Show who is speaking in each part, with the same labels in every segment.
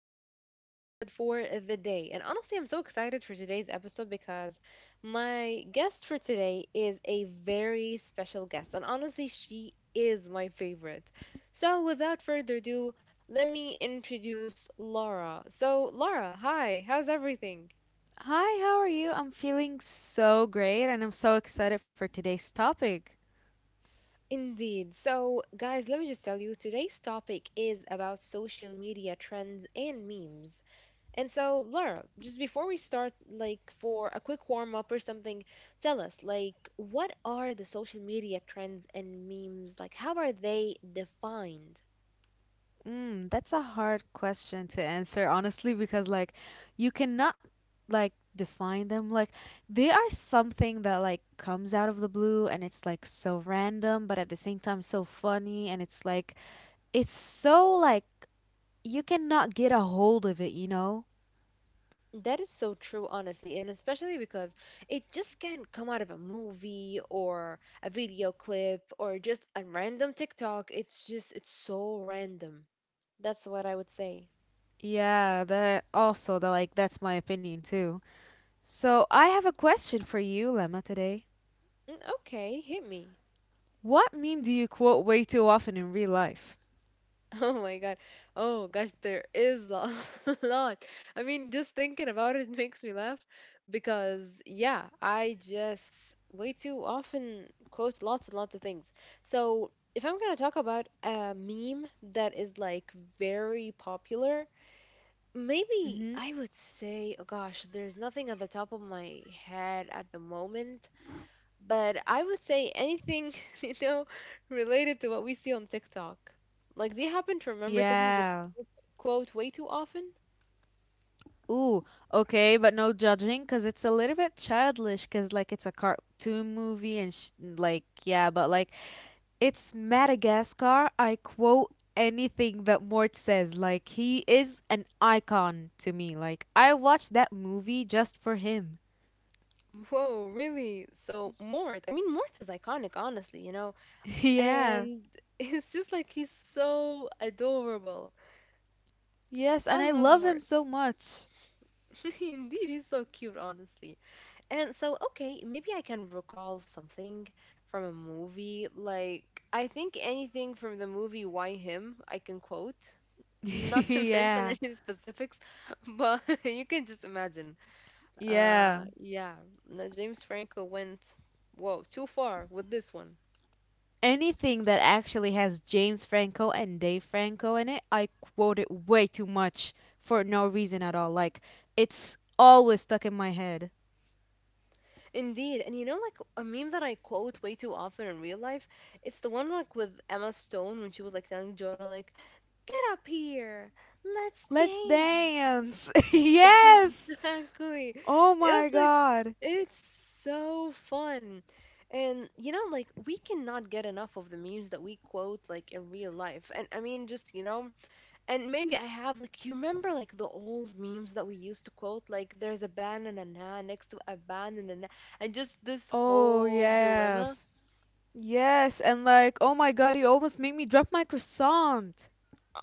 Speaker 1: new episode for the day. And honestly, I'm so excited for today's episode because my guest for today is a very special guest, and honestly, she is my favorite. So, without further ado, let me introduce Laura. So, Laura, hi, how's everything?
Speaker 2: Hi, how are you? I'm feeling so great and I'm so excited for today's topic.
Speaker 1: Indeed. So, guys, let me just tell you today's topic is about social media trends and memes. And so, Laura, just before we start, like for a quick warm up or something, tell us, like, what are the social media trends and memes? Like, how are they defined?
Speaker 2: Mm, that's a hard question to answer, honestly, because like you cannot like define them. Like they are something that like comes out of the blue and it's like so random, but at the same time so funny and it's like it's so like you cannot get a hold of it, you know?
Speaker 1: That is so true, honestly, and especially because it just can't come out of a movie or a video clip or just a random TikTok. It's just, it's so random. That's what I would say.
Speaker 2: Yeah, that also that like that's my opinion too. So I have a question for you, Lemma, today.
Speaker 1: Mm, okay, hit me.
Speaker 2: What meme do you quote way too often in real life?
Speaker 1: Oh my god. Oh gosh, there is a lot. I mean, just thinking about it makes me laugh because, yeah, I just way too often quote lots and lots of things. So, if I'm gonna talk about a meme that is like very popular, maybe
Speaker 2: Mm-hmm.
Speaker 1: I would say, oh gosh, there's nothing at the top of my head at the moment, but I would say anything, you know, related to what we see on TikTok. Like, do you happen to remember something that
Speaker 2: Yeah.
Speaker 1: you quote way too often?
Speaker 2: Ooh, okay, but no judging because it's a little bit childish because, like, it's a cartoon movie and, like, yeah, but, like, it's Madagascar. I quote anything that Mort says. Like, he is an icon to me. Like, I watched that movie just for him.
Speaker 1: Whoa, really? So Mort, I mean, Mort is iconic, honestly,
Speaker 2: yeah.
Speaker 1: and it's just like he's so adorable.
Speaker 2: Yes, and I
Speaker 1: I love
Speaker 2: love him
Speaker 1: Mort.
Speaker 2: so much.
Speaker 1: Indeed, he's so cute, honestly. And so, okay, maybe I can recall something from a movie. Like, I think anything from the movie Why Him, I can quote. Not to mention
Speaker 2: yeah.
Speaker 1: any specifics, but you can just imagine.
Speaker 2: Yeah.
Speaker 1: Yeah, no, James Franco went, whoa, too far with this one.
Speaker 2: Anything that actually has James Franco and Dave Franco in it, I quote it way too much for no reason at all. Like, it's always stuck in my head.
Speaker 1: Indeed, and like a meme that I quote way too often in real life, it's the one like with Emma Stone when she was like telling Jonah, like, get up here, let's
Speaker 2: Let's
Speaker 1: dance.
Speaker 2: dance! yes!
Speaker 1: Exactly.
Speaker 2: Oh
Speaker 1: It was
Speaker 2: my
Speaker 1: like,
Speaker 2: god.
Speaker 1: it's so fun. And like we cannot get enough of the memes that we quote like in real life. And I mean, just and maybe I have like you remember like the old memes that we used to quote, like there's a banana next to a banana and just this
Speaker 2: Oh,
Speaker 1: whole dilemma.
Speaker 2: yes. Yes, and like, oh my god, you almost made me drop my croissant.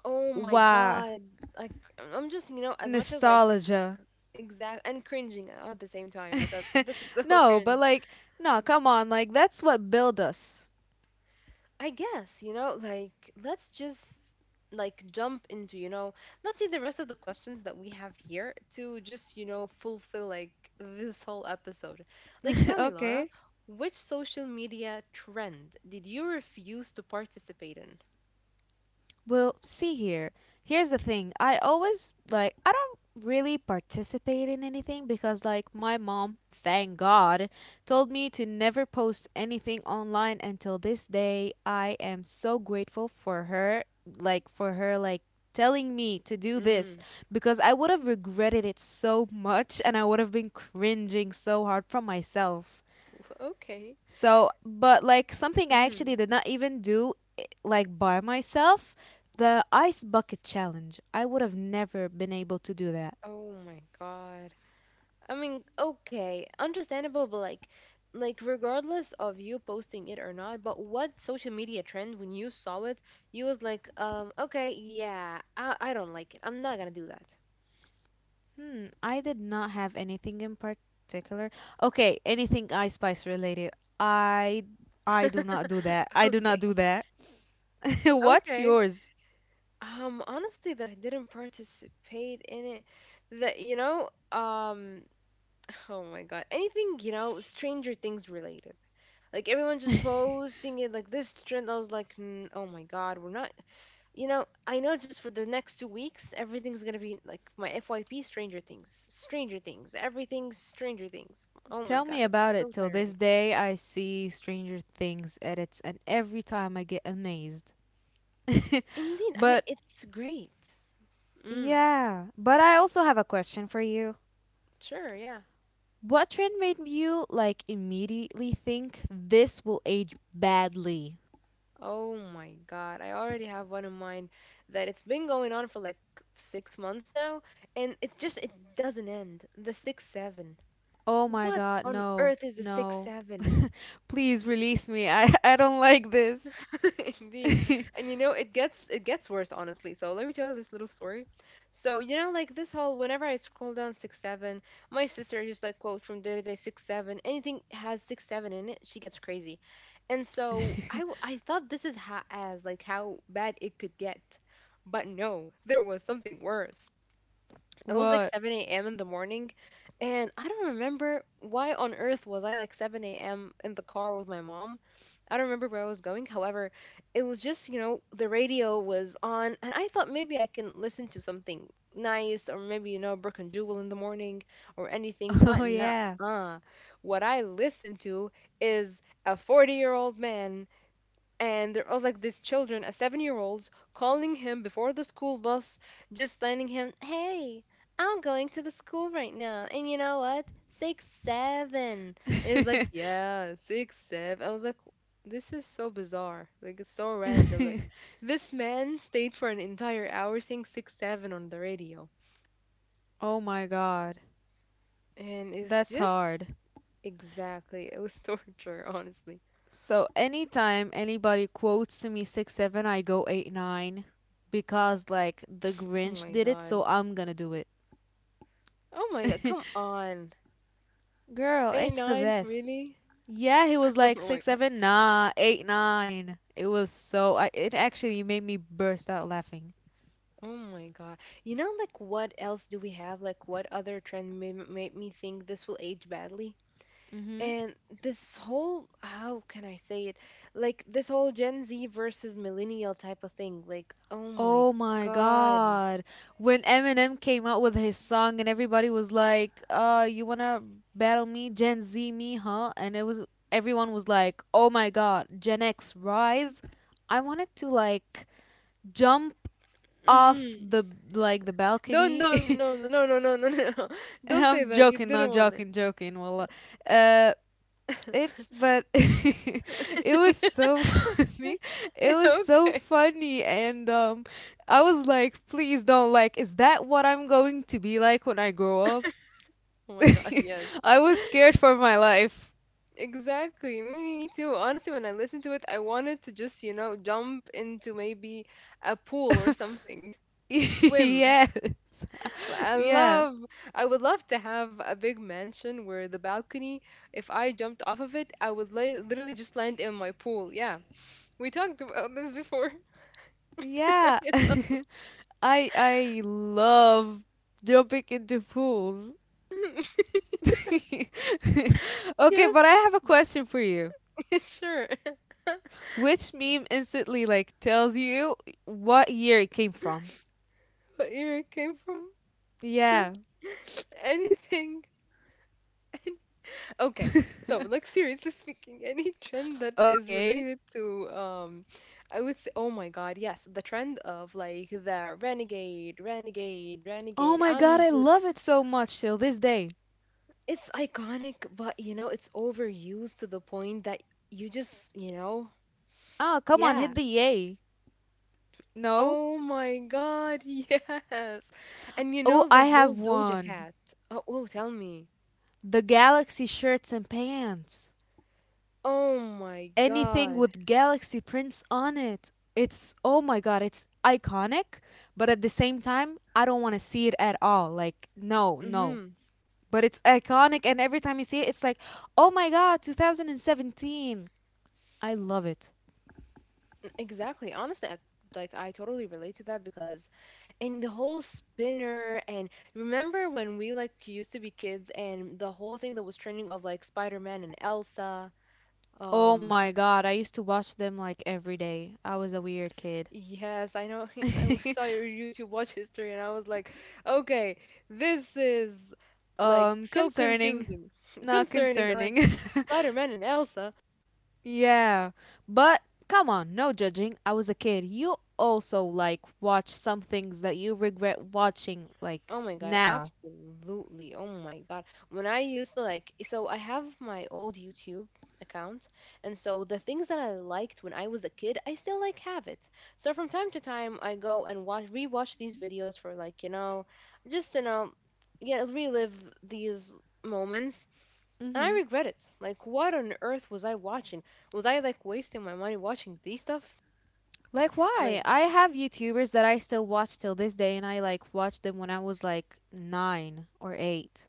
Speaker 1: Oh my
Speaker 2: Wow.
Speaker 1: God! Like I'm just as much as like
Speaker 2: Nostalgia.
Speaker 1: exact and cringing at the same time because this is so
Speaker 2: no, but
Speaker 1: cringe.
Speaker 2: like, no, come on. Like, that's what built us.
Speaker 1: I guess, like let's just like jump into, let's see the rest of the questions that we have here to just, fulfill like this whole episode. Like tell me, Laura,
Speaker 2: okay.
Speaker 1: which social media trend did you refuse to participate in?
Speaker 2: Well, see here. Here's the thing. I always like I don't really participate in anything because like my mom, thank God, told me to never post anything online until this day. I am so grateful for her, like for her like telling me to do this
Speaker 1: Mm,
Speaker 2: because I would have regretted it so much and I would have been cringing so hard from myself.
Speaker 1: okay.
Speaker 2: So, but like something I actually
Speaker 1: Mm.
Speaker 2: did not even do like by myself, the ice bucket challenge. I would have never been able to do that.
Speaker 1: Oh my God. I mean, okay, understandable, but like regardless of you posting it or not, but what social media trend when you saw it, you was like, okay, yeah, I don't like it. I'm not gonna do that.
Speaker 2: Hmm, I did not have anything in particular. Okay, anything ice spice related. I I do not do that. I do
Speaker 1: Okay,
Speaker 2: not do that. What's
Speaker 1: okay.
Speaker 2: yours?
Speaker 1: Honestly, that I didn't participate in it, that oh my God, anything Stranger Things related. Like everyone just posting it like this trend, I was like, "N- oh my God, we're not. You know, I know just for the next 2 weeks, everything's gonna be like my FYP Stranger Things, Stranger Things, everything's Stranger Things. Oh my
Speaker 2: Tell
Speaker 1: god,
Speaker 2: me
Speaker 1: it's
Speaker 2: about
Speaker 1: so
Speaker 2: it. Till
Speaker 1: tiring.
Speaker 2: this day, I see Stranger Things edits, and every time I get amazed.
Speaker 1: Indeed, I mean,
Speaker 2: but
Speaker 1: it's great. Mm,
Speaker 2: Yeah, but I also have a question for you.
Speaker 1: sure, yeah.
Speaker 2: What trend made you like immediately think this will age badly?
Speaker 1: Oh my god, I already have one in mind that it's been going on for like 6 months now, and it just, it doesn't end. The 6, 7.
Speaker 2: Oh my
Speaker 1: What
Speaker 2: god,
Speaker 1: on
Speaker 2: no,
Speaker 1: earth is the six,
Speaker 2: no.
Speaker 1: seven?
Speaker 2: Please release me. I I don't like this.
Speaker 1: Indeed. And you know, it gets worse honestly. So let me tell you this little story. So, like this whole whenever I scroll down 6, 7, my sister just like quote from day to day 6, 7, anything has 6, 7 in it, she gets crazy. And so I thought this is how as like how bad it could get. But no, there was something worse. It was like
Speaker 2: What?
Speaker 1: 7 a.m. in the morning, and I don't remember why on earth was I like 7 a.m. in the car with my mom. I don't remember where I was going. However, it was just, the radio was on, and I thought maybe I can listen to something nice or maybe, Brook and Jewel in the morning or anything,
Speaker 2: Oh
Speaker 1: but nah.
Speaker 2: yeah.
Speaker 1: What I listened to is a 40-year-old man and there was like these children, a 7 year old, calling him before the school bus, just telling him, "Hey, I'm going to the school right now. And you know what? 6, 7." And he was like, "Yeah, 6, 7." I was like, "This is so bizarre." Like, it's so random. Like, this man stayed for an entire hour saying 6, 7 on the radio.
Speaker 2: Oh my god.
Speaker 1: And it's
Speaker 2: That's
Speaker 1: just
Speaker 2: hard.
Speaker 1: exactly, it was torture, honestly.
Speaker 2: So anytime anybody quotes to me 6-7, I go 8-9 because like the
Speaker 1: Oh
Speaker 2: Grinch
Speaker 1: my
Speaker 2: did it,
Speaker 1: God.
Speaker 2: so I'm gonna do it.
Speaker 1: Oh my God, come on.
Speaker 2: Girl, it's the
Speaker 1: A9,
Speaker 2: best.
Speaker 1: really?
Speaker 2: Yeah, he was like
Speaker 1: Oh my
Speaker 2: six,
Speaker 1: god.
Speaker 2: seven, nah, eight, nine. It was so. It actually made me burst out laughing.
Speaker 1: Oh my god. Like what else do we have? Like what other trend made me think this will age badly?
Speaker 2: Hmm.
Speaker 1: And this whole, how can I say it? Like this whole Gen Z versus millennial type of thing. Like, oh
Speaker 2: Oh
Speaker 1: my
Speaker 2: my
Speaker 1: god.
Speaker 2: god. When Eminem came out with his song and everybody was like, you wanna battle me, Gen Z me, huh? And it was. Everyone was like, oh my god, Gen X rise. I wanted to like jump off
Speaker 1: Mm-hmm.
Speaker 2: the like the
Speaker 1: No,
Speaker 2: balcony.
Speaker 1: no, no, no, no, no, no, no, no. Don't say
Speaker 2: I'm
Speaker 1: that. You
Speaker 2: joking,
Speaker 1: didn't
Speaker 2: not
Speaker 1: want it.
Speaker 2: joking, joking. Wallah. Uh, it's but it was so funny. It was so
Speaker 1: Okay.
Speaker 2: funny and I was like, please don't like is that what I'm going to be like when I grow up?
Speaker 1: Oh my god, yes.
Speaker 2: I was scared for my life.
Speaker 1: Exactly. Me too. Honestly, when I listened to it, I wanted to just, jump into maybe a pool or something to swim.
Speaker 2: yes.
Speaker 1: I
Speaker 2: Yeah.
Speaker 1: love, I would love to have a big mansion where the balcony, if I jumped off of it, I would li literally just land in my pool. Yeah. We talked about this before.
Speaker 2: Yeah.
Speaker 1: Yes.
Speaker 2: I love jumping into pools. okay, but I
Speaker 1: Yes,
Speaker 2: have a question for you.
Speaker 1: sure.
Speaker 2: Which meme instantly like tells you what year it came from?
Speaker 1: What year it came from?
Speaker 2: Yeah.
Speaker 1: Sure. Anything. Okay, so like seriously speaking, any trend that is
Speaker 2: Okay.
Speaker 1: related to I would say, oh my God, yes, the trend of like the renegade, renegade,
Speaker 2: Oh
Speaker 1: renegade.
Speaker 2: my god,
Speaker 1: I'm
Speaker 2: I
Speaker 1: just,
Speaker 2: love it so much till this day.
Speaker 1: it's iconic, but it's overused to the point that you just,
Speaker 2: Oh, come on,
Speaker 1: yeah.
Speaker 2: hit the yay. No.
Speaker 1: Oh my God, yes, and you
Speaker 2: Oh,
Speaker 1: know
Speaker 2: I
Speaker 1: the whole
Speaker 2: have
Speaker 1: Doja
Speaker 2: one.
Speaker 1: Cat. Oh, oh, tell me.
Speaker 2: The galaxy shirts and pants.
Speaker 1: Oh my
Speaker 2: Anything
Speaker 1: God.
Speaker 2: with galaxy prints on it. It's oh my god, it's iconic, but at the same time, I don't want to see it at all. Like no, no.
Speaker 1: Mhm.
Speaker 2: But it's iconic and every time you see it it's like oh my god 2017, I love it.
Speaker 1: Exactly. Honestly, I, like I totally relate to that because, and the whole spinner and remember when we like used to be kids and the whole thing that was trending of like Spider-Man and Elsa.
Speaker 2: Oh
Speaker 1: Um,
Speaker 2: my god, I used to watch them like every day, I was a weird kid.
Speaker 1: yes, I know. I saw your YouTube watch history and I was like, okay, this is like so
Speaker 2: Concerning,
Speaker 1: confusing,
Speaker 2: not
Speaker 1: concerning like
Speaker 2: concerning.
Speaker 1: Spider-Man and Elsa.
Speaker 2: yeah, but come on, no judging, I was a kid. You also like watch some things that you regret watching like
Speaker 1: Oh my god,
Speaker 2: now.
Speaker 1: absolutely. Oh my god. When I used to like so I have my old YouTube account and so the things that I liked when I was a kid, I still like have it. So from time to time I go and watch rewatch these videos for like, just yeah, relive these moments. And I
Speaker 2: Hmm.
Speaker 1: regret it. Like what on earth was I watching? Was I like wasting my money watching these stuff?
Speaker 2: Like why?
Speaker 1: Like
Speaker 2: I have YouTubers that I still watch till this day and I like watched them when I was like 9 or 8.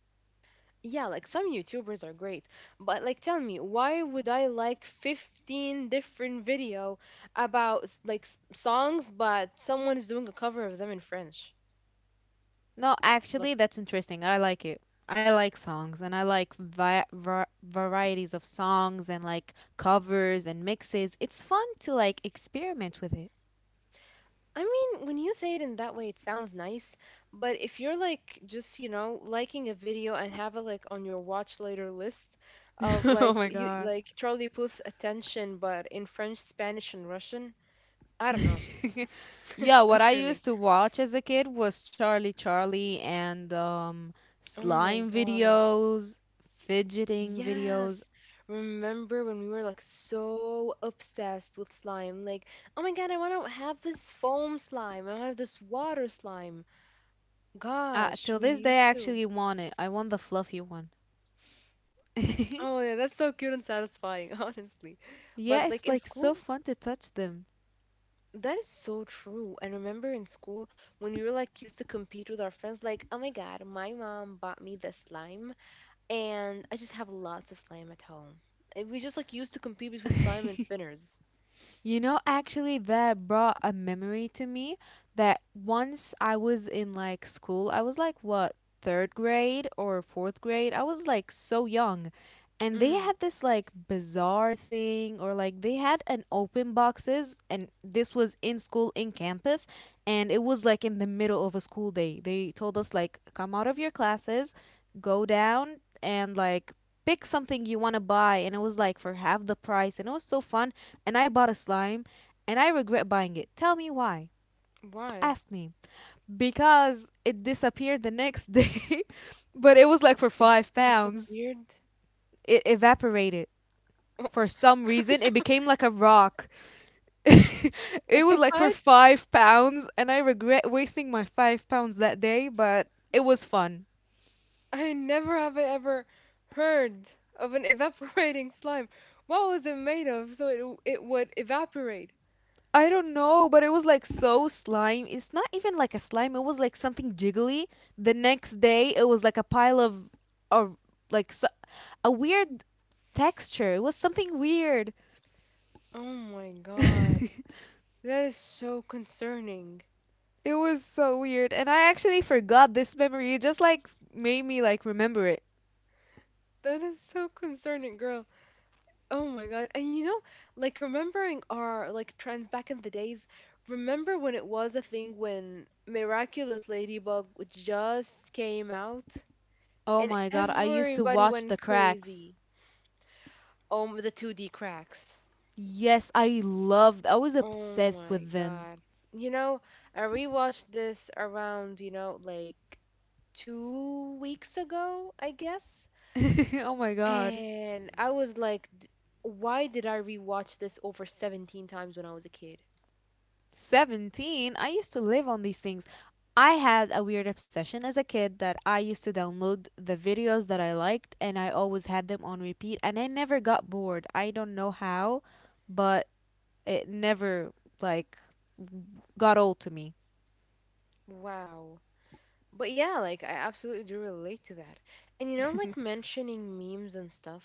Speaker 1: yeah, like some YouTubers are great, but like tell me, why would I like 15 different video about songs but someone is doing a cover of them in French?
Speaker 2: No,
Speaker 1: Look,
Speaker 2: actually that's interesting. I like it. I like songs and I like varieties of songs and like covers and mixes. It's fun to like experiment with it.
Speaker 1: I mean, when you say it in that way, it sounds nice, but if you're like just, liking a video and have it like on your watch later list of
Speaker 2: oh
Speaker 1: like
Speaker 2: my
Speaker 1: you
Speaker 2: god.
Speaker 1: like Charlie Puth attention but in French, Spanish and Russian, I don't know.
Speaker 2: Yeah,
Speaker 1: It's
Speaker 2: what I used
Speaker 1: concerning.
Speaker 2: to watch as a kid was Charlie Charlie and
Speaker 1: Oh my
Speaker 2: slime
Speaker 1: God.
Speaker 2: videos, fidgeting videos.
Speaker 1: Yes. Remember when we were like so obsessed with slime? Like, oh my god, I want to have this foam slime. I want to have this water slime. Gosh,
Speaker 2: Till
Speaker 1: we
Speaker 2: this day, I
Speaker 1: used to.
Speaker 2: actually want it. I want the fluffy one. yeah,
Speaker 1: Oh yeah, that's so cute and satisfying, honestly. But like
Speaker 2: it's
Speaker 1: in
Speaker 2: like so
Speaker 1: school,
Speaker 2: fun to touch them.
Speaker 1: that is so true. And remember in school when we were like used to compete with our friends, like, oh my god, my mom bought me this slime and I just have lots of slime at home. And we just like used to compete between slime and spinners.
Speaker 2: You know, actually, that brought a memory to me that once I was in like school, I was like, what, third grade or fourth grade? I was like so young. And they
Speaker 1: Mm-hmm.
Speaker 2: had this like bizarre thing, or like they had an open boxes, and this was in school, in campus, and it was like in the middle of a school day. They told us, like, come out of your classes, go down, and like pick something you want to buy. And it was like for half the price, and it was so fun and I bought a slime and I regret buying it. Tell me why.
Speaker 1: Why?
Speaker 2: Ask me. Because it disappeared the next day, but it was like for £5.
Speaker 1: Disappeared?
Speaker 2: It evaporated.
Speaker 1: Oh,
Speaker 2: For some reason, it became like a rock. it was like for
Speaker 1: what?
Speaker 2: £5, and I regret wasting my £5 that day, but it was fun.
Speaker 1: I never have I ever heard of an evaporating slime. What was it made of so it would evaporate?
Speaker 2: I don't know, but it was like so slime. It's not even like a slime, it was like something jiggly. The next day, it was like a pile of like s- a weird texture. It was something weird.
Speaker 1: Oh my god.
Speaker 2: it
Speaker 1: That is so concerning.
Speaker 2: was so weird. And I actually forgot this memory. It just like made me like remember it.
Speaker 1: That is so concerning, girl. Oh my god. And like remembering our like trends back in the days, remember when it was a thing when Miraculous Ladybug just came out
Speaker 2: Oh
Speaker 1: and
Speaker 2: my god, I used to
Speaker 1: everybody
Speaker 2: watch
Speaker 1: went
Speaker 2: the
Speaker 1: crazy.
Speaker 2: cracks.
Speaker 1: Oh, the 2D cracks.
Speaker 2: Yes, I loved. I was
Speaker 1: Oh
Speaker 2: obsessed
Speaker 1: my
Speaker 2: with them.
Speaker 1: God. You know, I rewatched this around, like 2 weeks ago, I guess.
Speaker 2: oh my god.
Speaker 1: And I was like, "D- why did I rewatch this over 17 times when I was a kid?"
Speaker 2: 17, I used to live on these things. I had a weird obsession as a kid that I used to download the videos that I liked and I always had them on repeat and I never got bored. I don't know how, but it never, like, got old to me.
Speaker 1: Wow. But yeah, like, I absolutely do relate to that. And you know, like mentioning memes and stuff,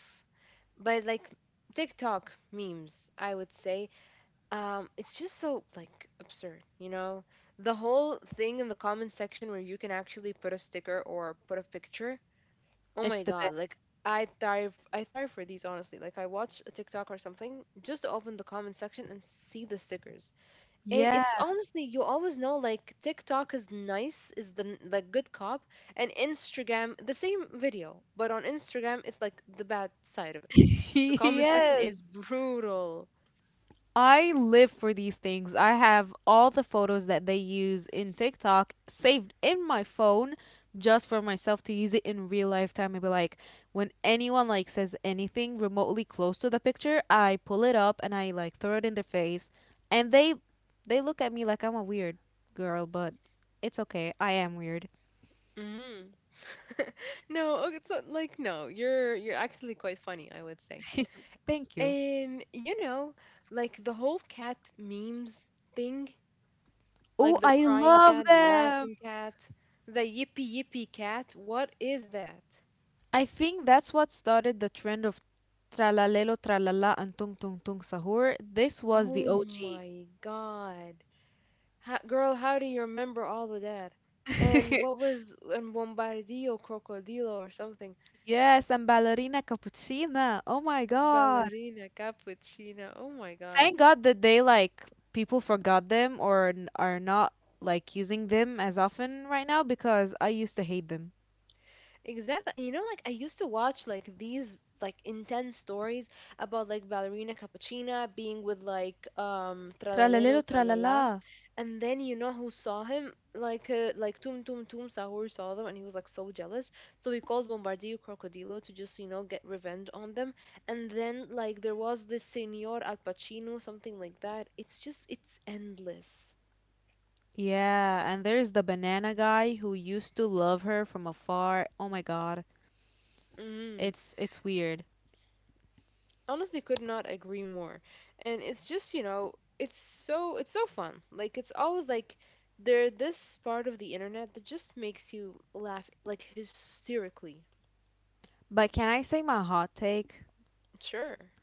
Speaker 1: but like TikTok memes, I would say, it's just so like absurd, you know, the whole thing in the comment section where you can actually put a sticker or put a picture. Oh
Speaker 2: It's
Speaker 1: my
Speaker 2: the
Speaker 1: god,
Speaker 2: best.
Speaker 1: like I thrive for these, honestly. Like I watch a TikTok or something just to open the comment section and see the stickers. And
Speaker 2: Yeah.
Speaker 1: it's honestly, you always know, like, TikTok is nice, is the like good cop, and Instagram, the same video, but on Instagram it's like the bad side of it. The comment section
Speaker 2: Yes.
Speaker 1: is brutal.
Speaker 2: I live for these things. I have all the photos that they use in TikTok saved in my phone just for myself to use it in real life time. Maybe like, when anyone like says anything remotely close to the picture, I pull it up and I like throw it in their face and they look at me like I'm a weird girl, but it's okay. I am weird.
Speaker 1: Mhm. No, okay, so like, no, you're actually quite funny, I would say.
Speaker 2: Thank you.
Speaker 1: And you know, like the whole cat memes thing,
Speaker 2: Oh,
Speaker 1: like the
Speaker 2: I
Speaker 1: crying
Speaker 2: love
Speaker 1: cat, the
Speaker 2: them.
Speaker 1: laughing cat, the yippee yippee cat, what is that?
Speaker 2: I think that's what started the trend of tralalelo tralala and tung tung tung sahur. This was the
Speaker 1: Oh
Speaker 2: OG.
Speaker 1: my god. How, girl, how do you remember all of that? And what was and Bombardillo Crocodilo or something?
Speaker 2: Yes, and ballerina cappuccina. Oh my God.
Speaker 1: Ballerina cappuccina? Oh my god.
Speaker 2: Thank God that they like people forgot them or are not like using them as often right now because I used to hate them.
Speaker 1: Exactly. And you know, like I used to watch like these like intense stories about like ballerina Cappuccina being with like
Speaker 2: Tralalero
Speaker 1: Tralalero
Speaker 2: tralala.
Speaker 1: Tralala. And then you know who saw him? Like Tum Tum Tum Sahur saw them and he was like so jealous. So he called Bombardio Crocodilo to just, you know, get revenge on them. And then like there was this Senor Al Pacino, something like that. It's just, it's endless.
Speaker 2: Yeah, and there's the banana guy who used to love her from afar. Oh my God.
Speaker 1: Mm-hmm.
Speaker 2: It's weird.
Speaker 1: Honestly could not agree more, and it's just, you know, it's so, it's so fun, like it's always like there this part of the internet that just makes you laugh like hysterically.
Speaker 2: But can I say my hot take?
Speaker 1: Sure.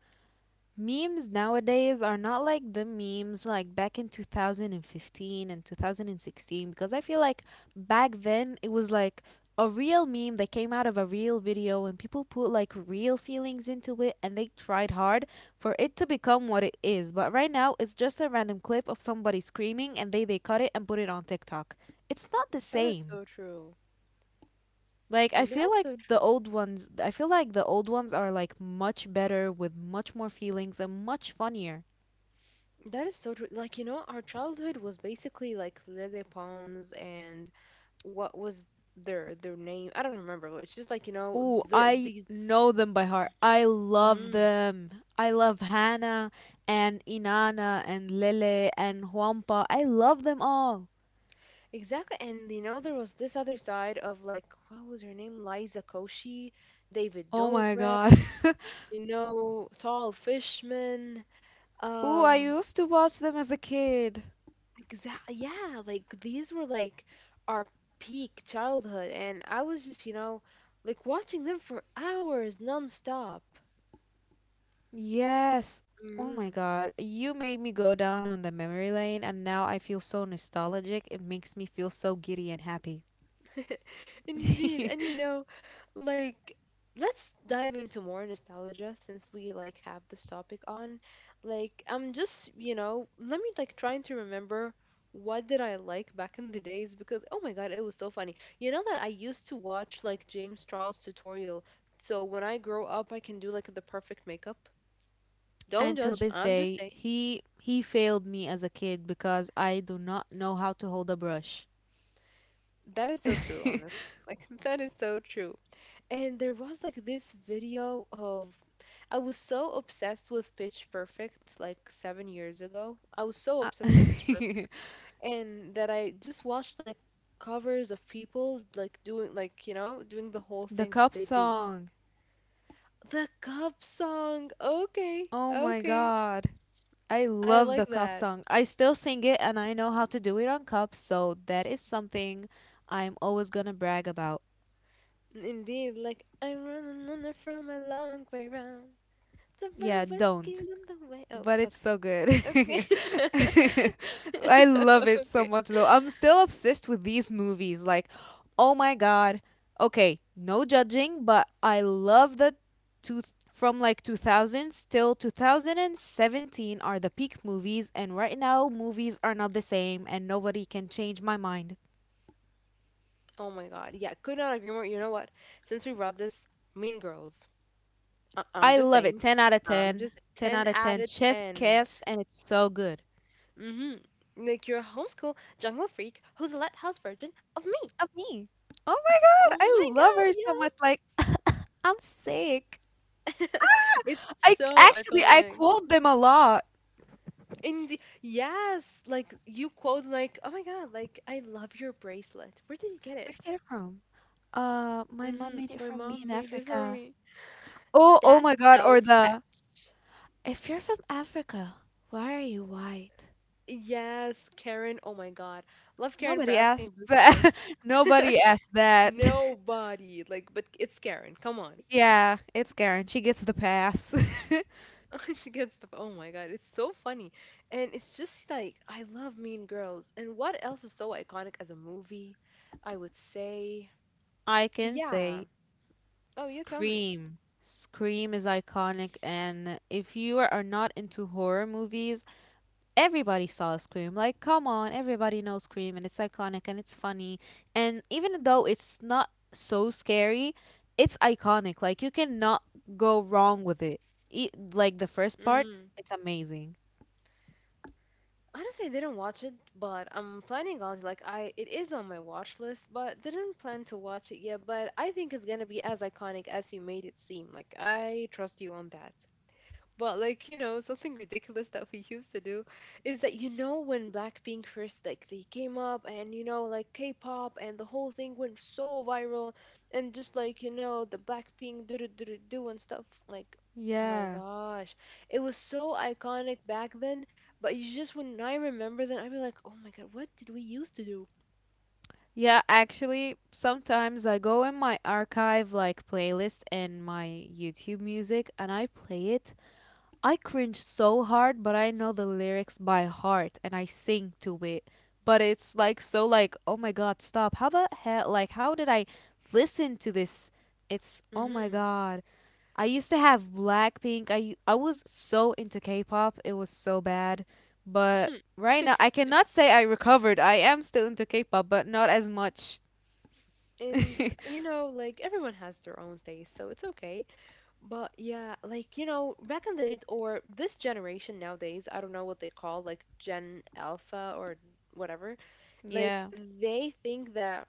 Speaker 2: Memes nowadays are not like the memes like back in 2015 and 2016 because I feel like back then it was like a real meme that came out of a real video and people put like real feelings into it and they tried hard for it to become what it is. But right now it's just a random clip of somebody screaming and they cut it and put it on TikTok. It's not the
Speaker 1: That is
Speaker 2: same.
Speaker 1: so true.
Speaker 2: Like I feel
Speaker 1: That's
Speaker 2: like
Speaker 1: so
Speaker 2: the
Speaker 1: true.
Speaker 2: old ones, I feel like the old ones are like much better with much more feelings and much funnier.
Speaker 1: That is so true. Like, you know, our childhood was basically like Lele Pons and what was their name, I don't remember, but it's just like, you know,
Speaker 2: Ooh,
Speaker 1: the,
Speaker 2: I
Speaker 1: these
Speaker 2: know them by heart. I love them. I love Hannah and Inanna and Lele and Huampa. I love them all.
Speaker 1: exactly. And you know, there was this other side of like, what was her name? Liza Koshy, David
Speaker 2: Oh my
Speaker 1: Dobrik,
Speaker 2: god.
Speaker 1: you know, Tall Fishman.
Speaker 2: Ooh, I
Speaker 1: Um,
Speaker 2: used to watch them as a kid.
Speaker 1: exactly. Yeah, like these were like our peak childhood. And I was just, you know, like watching them for hours nonstop.
Speaker 2: Yes. Oh my
Speaker 1: Hmm.
Speaker 2: god. You made me go down on the memory lane and now I feel so nostalgic. It makes me feel so giddy and happy.
Speaker 1: Indeed, and you know, like let's dive into more nostalgia since we like have this topic on. Like I'm just, you know, let me like trying to remember what did I like back in the days, because oh my god, it was so funny. You know that I used to watch like James Charles tutorial, so when I grow up I can do like the perfect makeup.
Speaker 2: And
Speaker 1: Don't
Speaker 2: till
Speaker 1: judge.
Speaker 2: this
Speaker 1: I'm just
Speaker 2: day,
Speaker 1: saying
Speaker 2: he failed me as a kid because I do not know how to hold a brush.
Speaker 1: that is so true,
Speaker 2: I-
Speaker 1: honestly. Like that is so true. And there was like this video of I was so obsessed with Pitch Perfect like 7 years ago. I was so obsessed with Pitch Perfect. And that I just watched like covers of people like doing like, you know, doing the whole
Speaker 2: the
Speaker 1: thing that
Speaker 2: cop
Speaker 1: they do.
Speaker 2: song.
Speaker 1: The cup song. Okay.
Speaker 2: Oh my
Speaker 1: Okay.
Speaker 2: god. I
Speaker 1: I
Speaker 2: love the
Speaker 1: like
Speaker 2: cop
Speaker 1: that.
Speaker 2: song. I still sing it and I know how to do it on cups, so that is something I'm always gonna brag about.
Speaker 1: Indeed, like I'm running on from a long way round. To
Speaker 2: Yeah,
Speaker 1: more
Speaker 2: don't.
Speaker 1: whiskey's on the way. Oh,
Speaker 2: But it's so
Speaker 1: okay.
Speaker 2: good.
Speaker 1: Okay.
Speaker 2: I love it so
Speaker 1: okay.
Speaker 2: much though. I'm still obsessed with these movies. Like, oh my god. Okay, no judging, but I love the two from like 2000s till 2017 are the peak movies and right now movies are not the same and nobody can change my mind.
Speaker 1: Oh my God. Yeah, could not agree more. You know what? Since we brought this, Mean Girls.
Speaker 2: I
Speaker 1: I'm just
Speaker 2: love it.
Speaker 1: saying.
Speaker 2: 10 out of
Speaker 1: I'm
Speaker 2: 10.
Speaker 1: just
Speaker 2: 10 out
Speaker 1: 10
Speaker 2: of 10.
Speaker 1: out of
Speaker 2: Chef
Speaker 1: 10.
Speaker 2: Kiss and it's so good.
Speaker 1: Mm-hmm. Like your homeschool jungle freak who's a lighthouse version of me.
Speaker 2: Of me. Oh my god,
Speaker 1: Oh
Speaker 2: I
Speaker 1: my
Speaker 2: love her so much like
Speaker 1: God,
Speaker 2: I'm sick.
Speaker 1: yeah. It's
Speaker 2: I
Speaker 1: so
Speaker 2: actually, I
Speaker 1: iconic.
Speaker 2: quote them a lot.
Speaker 1: Yes, like you quote like, oh my God, like I love your bracelet. Where did you get
Speaker 2: Where'd you
Speaker 1: it?
Speaker 2: get it from? My mom
Speaker 1: Mm-hmm.
Speaker 2: made it
Speaker 1: My
Speaker 2: for me in
Speaker 1: mom made it for
Speaker 2: Africa.
Speaker 1: me.
Speaker 2: Oh, oh
Speaker 1: That's
Speaker 2: my God,
Speaker 1: so
Speaker 2: or the
Speaker 1: fetch.
Speaker 2: "If you're from Africa, why are you white?"
Speaker 1: Yes, Karen. Oh my God. Love Karen
Speaker 2: Nobody
Speaker 1: for
Speaker 2: asked
Speaker 1: asking this
Speaker 2: that.
Speaker 1: question.
Speaker 2: Nobody asked that.
Speaker 1: Nobody. Like, but it's Karen. Come on.
Speaker 2: Yeah, it's Karen. She gets the pass.
Speaker 1: She gets the. Oh my God. It's so funny. And it's just like, I love Mean Girls. And what else is so iconic as a movie? I would say.
Speaker 2: I can
Speaker 1: Yeah.
Speaker 2: say
Speaker 1: Oh, you tell me.
Speaker 2: Scream. Scream is iconic, and if you are not into horror movies, everybody saw Scream. Like, come on, everybody knows Scream, and it's iconic and it's funny. And even though it's not so scary, it's iconic. Like, you cannot go wrong with it. Like, the first part,
Speaker 1: Mm-hmm.
Speaker 2: it's amazing.
Speaker 1: Honestly, I didn't watch it, but I'm planning on, like, I it is on my watch list, but didn't plan to watch it yet, but I think it's gonna be as iconic as you made it seem. Like I trust you on that. But like, you know, something ridiculous that we used to do is that, you know, when Blackpink first like they came up, and you know, like K-pop and the whole thing went so viral, and just like, you know, the Blackpink do do do do do and stuff like my
Speaker 2: Yeah.
Speaker 1: gosh, it was so iconic back then. But you just when I remember that, I'd be like, oh my god, what did we used to do?
Speaker 2: Yeah, actually, sometimes I go in my archive, like playlist and my YouTube music, and I play it. I cringe so hard, but I know the lyrics by heart and I sing to it. But it's like so like, oh my god, stop. How the hell like how did I listen to this? It's oh my
Speaker 1: Mm-hmm.
Speaker 2: god. I used to have Blackpink. I was so into K-pop. It was so bad. But right now I cannot say I recovered. I am still into K-pop, but not as much.
Speaker 1: And you know, like everyone has their own taste, so it's okay. But yeah, like, you know, back in the days or this generation nowadays, I don't know what they call, like Gen Alpha or whatever. Like
Speaker 2: Yeah.
Speaker 1: they think that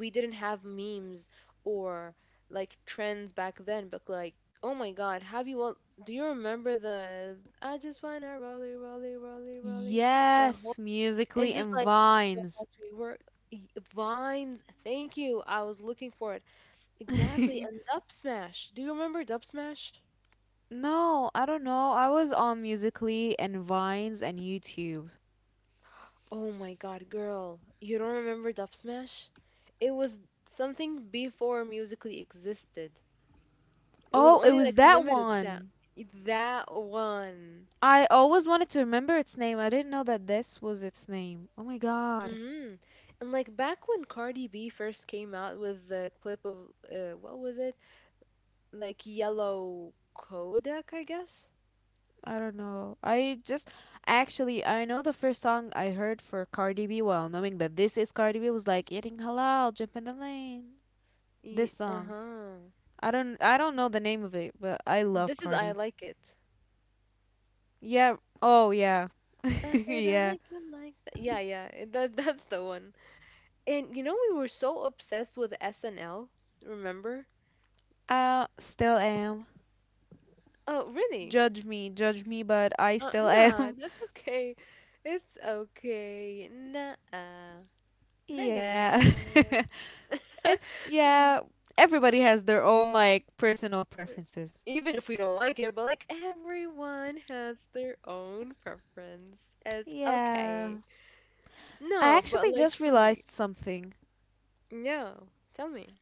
Speaker 1: we didn't have memes or like trends back then, but like oh my god, have you all do you remember the I just wanna rolly rolly rolly rolly the whole
Speaker 2: Yes,
Speaker 1: and
Speaker 2: musically
Speaker 1: just
Speaker 2: and
Speaker 1: like the what
Speaker 2: vines.
Speaker 1: we were y- Vines, thank you. I was looking for it. Exactly, and Dub Smash. Do you remember Dub Smash?
Speaker 2: No, I don't know. I was on Musically and Vines and YouTube.
Speaker 1: Oh my god, girl, you don't remember Dub Smash? It was something before Musically existed. It was
Speaker 2: Oh, it
Speaker 1: only
Speaker 2: was
Speaker 1: like
Speaker 2: that
Speaker 1: limited set.
Speaker 2: one.
Speaker 1: That one.
Speaker 2: I always wanted to remember its name. I didn't know that this was its name. Oh my god.
Speaker 1: Hmm. And like back when Cardi B first came out with the clip of what was it? Like Yellow Kodak, I guess.
Speaker 2: I don't know. I just actually I know the first song I heard for Cardi B, well, knowing that this is Cardi B was like eating halal, jump in the lane. This song.
Speaker 1: Uh-huh.
Speaker 2: I don't know the name of it, but I love
Speaker 1: This is I
Speaker 2: Cardi.
Speaker 1: Like It.
Speaker 2: Yeah. Oh yeah.
Speaker 1: I said I
Speaker 2: Yeah.
Speaker 1: like it like that. Yeah, yeah. That that's the one. And you know we were so obsessed with SNL, remember?
Speaker 2: I still am.
Speaker 1: Oh, really?
Speaker 2: Judge me, but I still
Speaker 1: Nah,
Speaker 2: am.
Speaker 1: that's okay. It's okay. Nah, not gonna
Speaker 2: Yeah.
Speaker 1: judge.
Speaker 2: It's,
Speaker 1: Mm,
Speaker 2: yeah, everybody has their own, like, personal
Speaker 1: uh,
Speaker 2: preferences.
Speaker 1: even if we don't like it, but like everyone has their own preference. It's
Speaker 2: Yeah.
Speaker 1: okay.
Speaker 2: I
Speaker 1: No, but
Speaker 2: actually
Speaker 1: like
Speaker 2: just
Speaker 1: for real.
Speaker 2: realized something.
Speaker 1: No, tell me.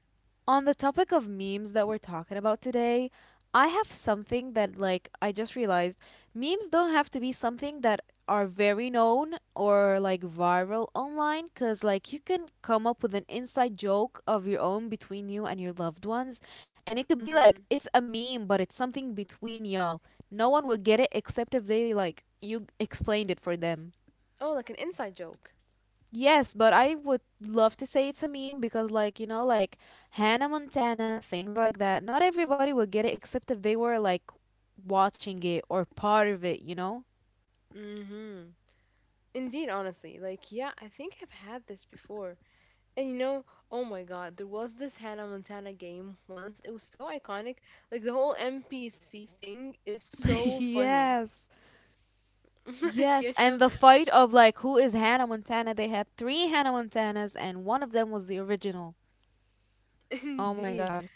Speaker 2: On the topic of memes that we're talking about today, I have something that like I just realized memes don't have to be something that are very known or like viral online cuz like you can come up with an inside joke of your own between you and your loved ones and it could be
Speaker 1: Mhm.
Speaker 2: like it's a meme but it's something between y'all. No one will get it except if they like you explained it for them.
Speaker 1: Oh, like an inside joke.
Speaker 2: Yes, but I would love to say it's a meme because, like, you know, like Hannah Montana, things like that. Not everybody would get it except if they were, like, watching it or part of it, you know?
Speaker 1: Mhm. Indeed, honestly. Like, yeah, I think I've had this before. And you know, oh my god, there was this Hannah Montana game once. It was so iconic. Like the whole NPC thing is so funny.
Speaker 2: Yes.
Speaker 1: Like,
Speaker 2: Yes.
Speaker 1: you
Speaker 2: And
Speaker 1: know,
Speaker 2: the fight of, like, who is Hannah Montana? They had three Hannah Montanas, and one of them was the original. Oh my
Speaker 1: indeed.
Speaker 2: God.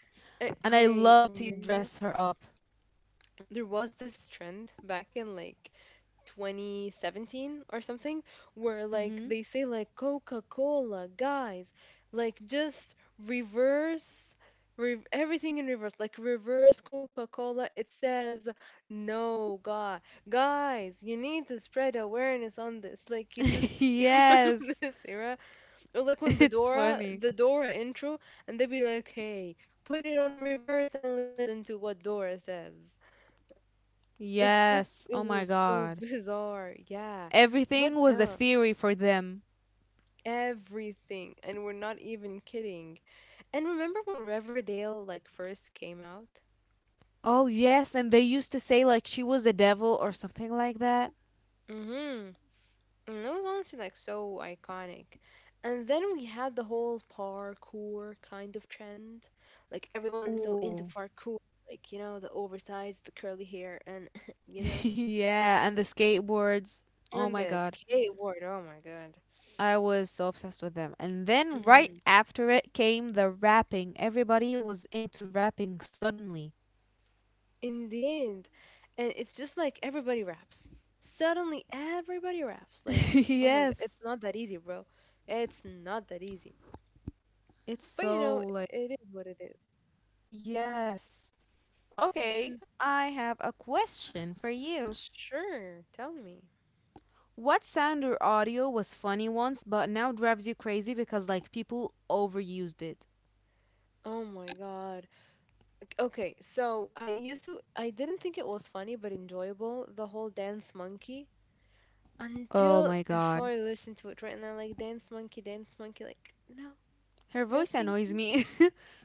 Speaker 1: Eh,
Speaker 2: And I
Speaker 1: hey,
Speaker 2: love to
Speaker 1: remember
Speaker 2: dress her up.
Speaker 1: there was this trend back in like 2017 or something where like
Speaker 2: Mm-hmm.
Speaker 1: they say like coca-cola guys like just reverse everything in reverse, like reverse coca-cola it says no god guys you need to spread awareness on this like you just you remember
Speaker 2: Yes.
Speaker 1: this era, or like when
Speaker 2: It's funny.
Speaker 1: the dora intro and they'd be like hey put it on reverse and listen to what dora says. It's just,
Speaker 2: Yes.
Speaker 1: it
Speaker 2: Oh
Speaker 1: was
Speaker 2: my
Speaker 1: so
Speaker 2: God.
Speaker 1: bizarre. Yeah. What
Speaker 2: Everything was a
Speaker 1: else?
Speaker 2: theory for them.
Speaker 1: Everything. And we're not even kidding. And remember when Riverdale like first came out?
Speaker 2: Oh, yes, and they used to say like she was a devil or something like that.
Speaker 1: Mm-hmm. And that was honestly like so iconic. And then we had the whole parkour kind of trend. Like everyone was so into
Speaker 2: Ooh.
Speaker 1: parkour. Like, you know, the oversized, the curly hair, and, you know,
Speaker 2: Yeah, and the skateboards. Oh
Speaker 1: and
Speaker 2: my
Speaker 1: the
Speaker 2: god.
Speaker 1: skateboard. Oh my God.
Speaker 2: I was so obsessed with them. And then right after it came the rapping. Everybody was into rapping suddenly.
Speaker 1: Indeed. And it's just like everybody raps. Suddenly everybody raps. Like, oh my god,
Speaker 2: Yes.
Speaker 1: it's not that easy, bro. It's not that easy.
Speaker 2: It's
Speaker 1: But you know,
Speaker 2: so like.
Speaker 1: it is what it is.
Speaker 2: Yes. Okay,
Speaker 1: And
Speaker 2: I have a question for you.
Speaker 1: sure, tell me.
Speaker 2: What sound or audio was funny once but now drives you crazy because like people overused it?
Speaker 1: Oh my god. Okay, so I used to I didn't think it was funny but enjoyable, the whole dance monkey.
Speaker 2: Oh
Speaker 1: Until
Speaker 2: my
Speaker 1: before
Speaker 2: god.
Speaker 1: I listen to it right now, like dance monkey, like no,
Speaker 2: Her
Speaker 1: no
Speaker 2: voice
Speaker 1: thank
Speaker 2: annoys
Speaker 1: you.
Speaker 2: me.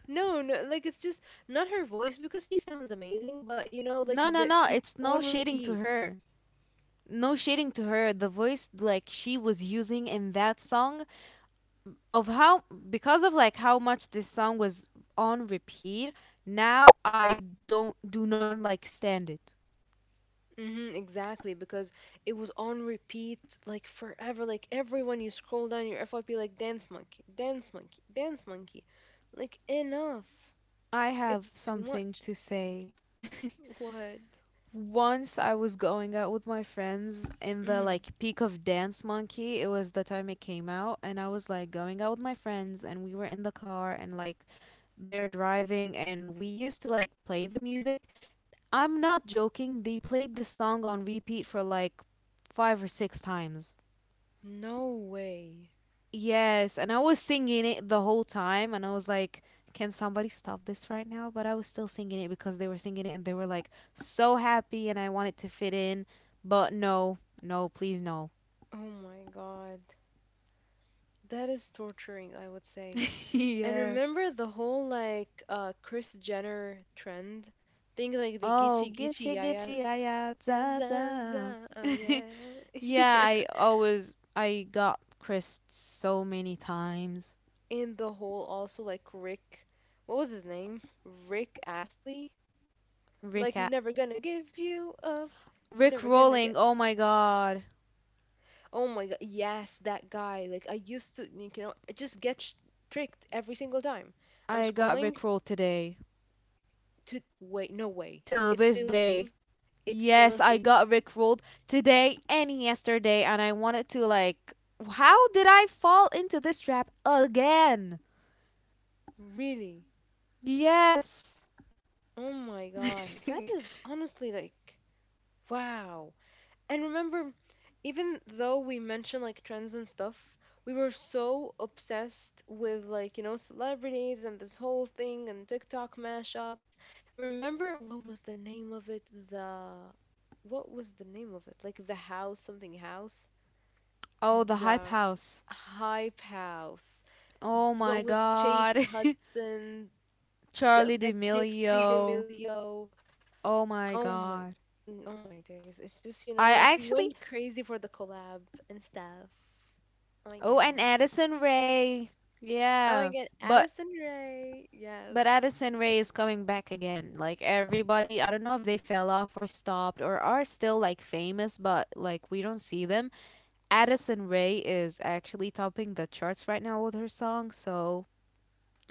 Speaker 1: No, Like it's just not her voice because she sounds amazing, but you know, like
Speaker 2: No, no,
Speaker 1: the
Speaker 2: no,
Speaker 1: it's
Speaker 2: it's
Speaker 1: on
Speaker 2: no shading to
Speaker 1: repeat.
Speaker 2: her. No shading to her. The voice like she was using in that song of how because of like how much this song was on repeat, now I don't do not like stand it.
Speaker 1: Hmm, exactly, because it was on repeat like forever. Like everyone, you scroll down your FYP, like Dance Monkey, Dance Monkey, Dance Monkey. Like enough,
Speaker 2: I
Speaker 1: it's
Speaker 2: have
Speaker 1: too
Speaker 2: something
Speaker 1: much.
Speaker 2: to say.
Speaker 1: What?
Speaker 2: Once I was going out with my friends in the
Speaker 1: Hmm.
Speaker 2: like peak of Dance Monkey. It was the time it came out and I was like going out with my friends and we were in the car and like they're driving and we used to like play the music. I'm not joking, they played this song on repeat for like 5 or 6 times.
Speaker 1: No way.
Speaker 2: Yes, and I was singing it the whole time, and I was like, "Can somebody stop this right now?" But I was still singing it because they were singing it, and they were like so happy, and I wanted to fit in, but no, no, please no.
Speaker 1: Oh my God, that is torturing, I would say. And
Speaker 2: Yeah.
Speaker 1: remember the whole like Chris Jenner trend thing, like the
Speaker 2: Oh,
Speaker 1: Gichi Gichi
Speaker 2: gitchy
Speaker 1: Yaya.
Speaker 2: gitchy aya
Speaker 1: Yeah, yeah,
Speaker 2: da
Speaker 1: za,
Speaker 2: da.
Speaker 1: za, oh
Speaker 2: Yeah,
Speaker 1: yeah.
Speaker 2: I got Chris so many times.
Speaker 1: And the whole also like Rick, what was his name? Rick Astley? Like
Speaker 2: Rick at
Speaker 1: never gonna give you up, never
Speaker 2: Rick
Speaker 1: gonna get.
Speaker 2: rolling. Oh my god,
Speaker 1: Oh my god, yes, that guy. Like I used to, you know, I just get tricked every single time. I'm
Speaker 2: I got
Speaker 1: scrolling
Speaker 2: Rick rolled today.
Speaker 1: to wait, no way.
Speaker 2: Till
Speaker 1: It's
Speaker 2: this
Speaker 1: still a
Speaker 2: day.
Speaker 1: thing. It's still a
Speaker 2: Yes, I
Speaker 1: thing.
Speaker 2: got rickrolled today and yesterday, and I wanted to like, how did I fall into this trap again?
Speaker 1: Really?
Speaker 2: Yes.
Speaker 1: Oh my God, that is honestly like wow. And remember, even though we mentioned like trends and stuff, we were so obsessed with like, you know, celebrities and this whole thing and TikTok mashups. Remember what was the name of it? The what was the name of it? Like the house, something house?
Speaker 2: Oh, the hype
Speaker 1: The
Speaker 2: house.
Speaker 1: Hype House.
Speaker 2: Oh my
Speaker 1: What was Chase
Speaker 2: god.
Speaker 1: Hudson,
Speaker 2: Charlie
Speaker 1: Dixie
Speaker 2: D'Amelio.
Speaker 1: D'Amelio?
Speaker 2: Oh my
Speaker 1: Oh my,
Speaker 2: god.
Speaker 1: oh my days. It's just, you know,
Speaker 2: I
Speaker 1: like we
Speaker 2: actually.
Speaker 1: went crazy for the collab and stuff. Oh my
Speaker 2: Oh, and
Speaker 1: god.
Speaker 2: Addison Ray.
Speaker 1: Oh my
Speaker 2: Yeah.
Speaker 1: god,
Speaker 2: But
Speaker 1: Addison Rae. Yes.
Speaker 2: But Addison Ray is coming back again. Like everybody, I don't know if they fell off or stopped or are still like famous, but like we don't see them. Addison Ray is actually topping the charts right now with her song, so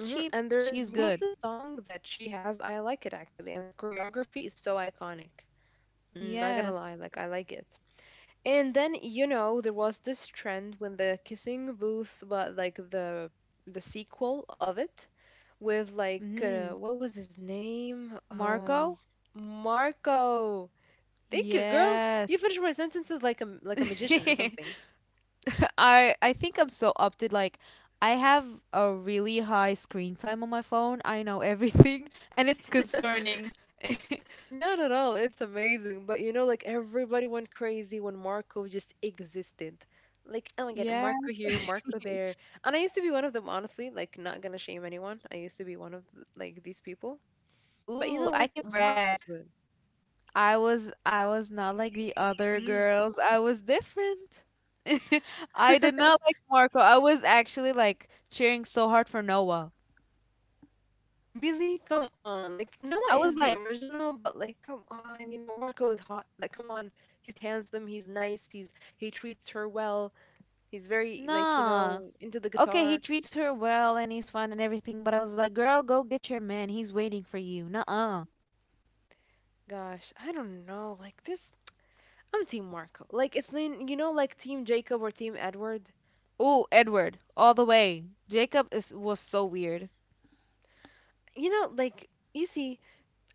Speaker 2: she
Speaker 1: And there's
Speaker 2: she's
Speaker 1: was
Speaker 2: good.
Speaker 1: this song that she has. I like it actually, and the choreography is so iconic. Not gonna lie,
Speaker 2: Yes.
Speaker 1: like I like it. And then you know there was this trend when the kissing booth, but like the sequel of it with like
Speaker 2: Mhm.
Speaker 1: what was his name?
Speaker 2: Marco?
Speaker 1: Marco. Thank you, girl. You finish
Speaker 2: Yes.
Speaker 1: my sentences like like a magician or something.
Speaker 2: I think I'm so up to like I have a really high screen time on my phone. I know everything and it's concerning.
Speaker 1: Not at all. It's amazing. But you know, like everybody went crazy when Marco just existed. Like, oh my God,
Speaker 2: Yeah.
Speaker 1: Marco here, Marco there. And I used to be one of them, honestly. Like, not gonna shame anyone. I used to be one like these people. But you
Speaker 2: Ooh,
Speaker 1: know,
Speaker 2: I
Speaker 1: like
Speaker 2: can
Speaker 1: Marco's
Speaker 2: brag.
Speaker 1: good.
Speaker 2: I was not like the other
Speaker 1: Mm.
Speaker 2: girls. I was different. I did not like Marco. I was actually like cheering so hard for Noah.
Speaker 1: Really? Come on. Like Noah
Speaker 2: I was
Speaker 1: is the
Speaker 2: like,
Speaker 1: original, but like come on, you know, Marco is hot. Like come on. He's handsome, he's nice, he treats her well. He's very like you
Speaker 2: nah.
Speaker 1: know into the
Speaker 2: Okay, he
Speaker 1: guitar.
Speaker 2: treats her well and he's fun and everything, but I was like, girl, go get your man. He's waiting for you. Nuh-uh.
Speaker 1: Gosh, I don't know. Like this, I'm Team Marco. Like you know like Team Jacob or Team Edward.
Speaker 2: Ooh, Edward, all the way. Jacob is was so weird.
Speaker 1: You know like you see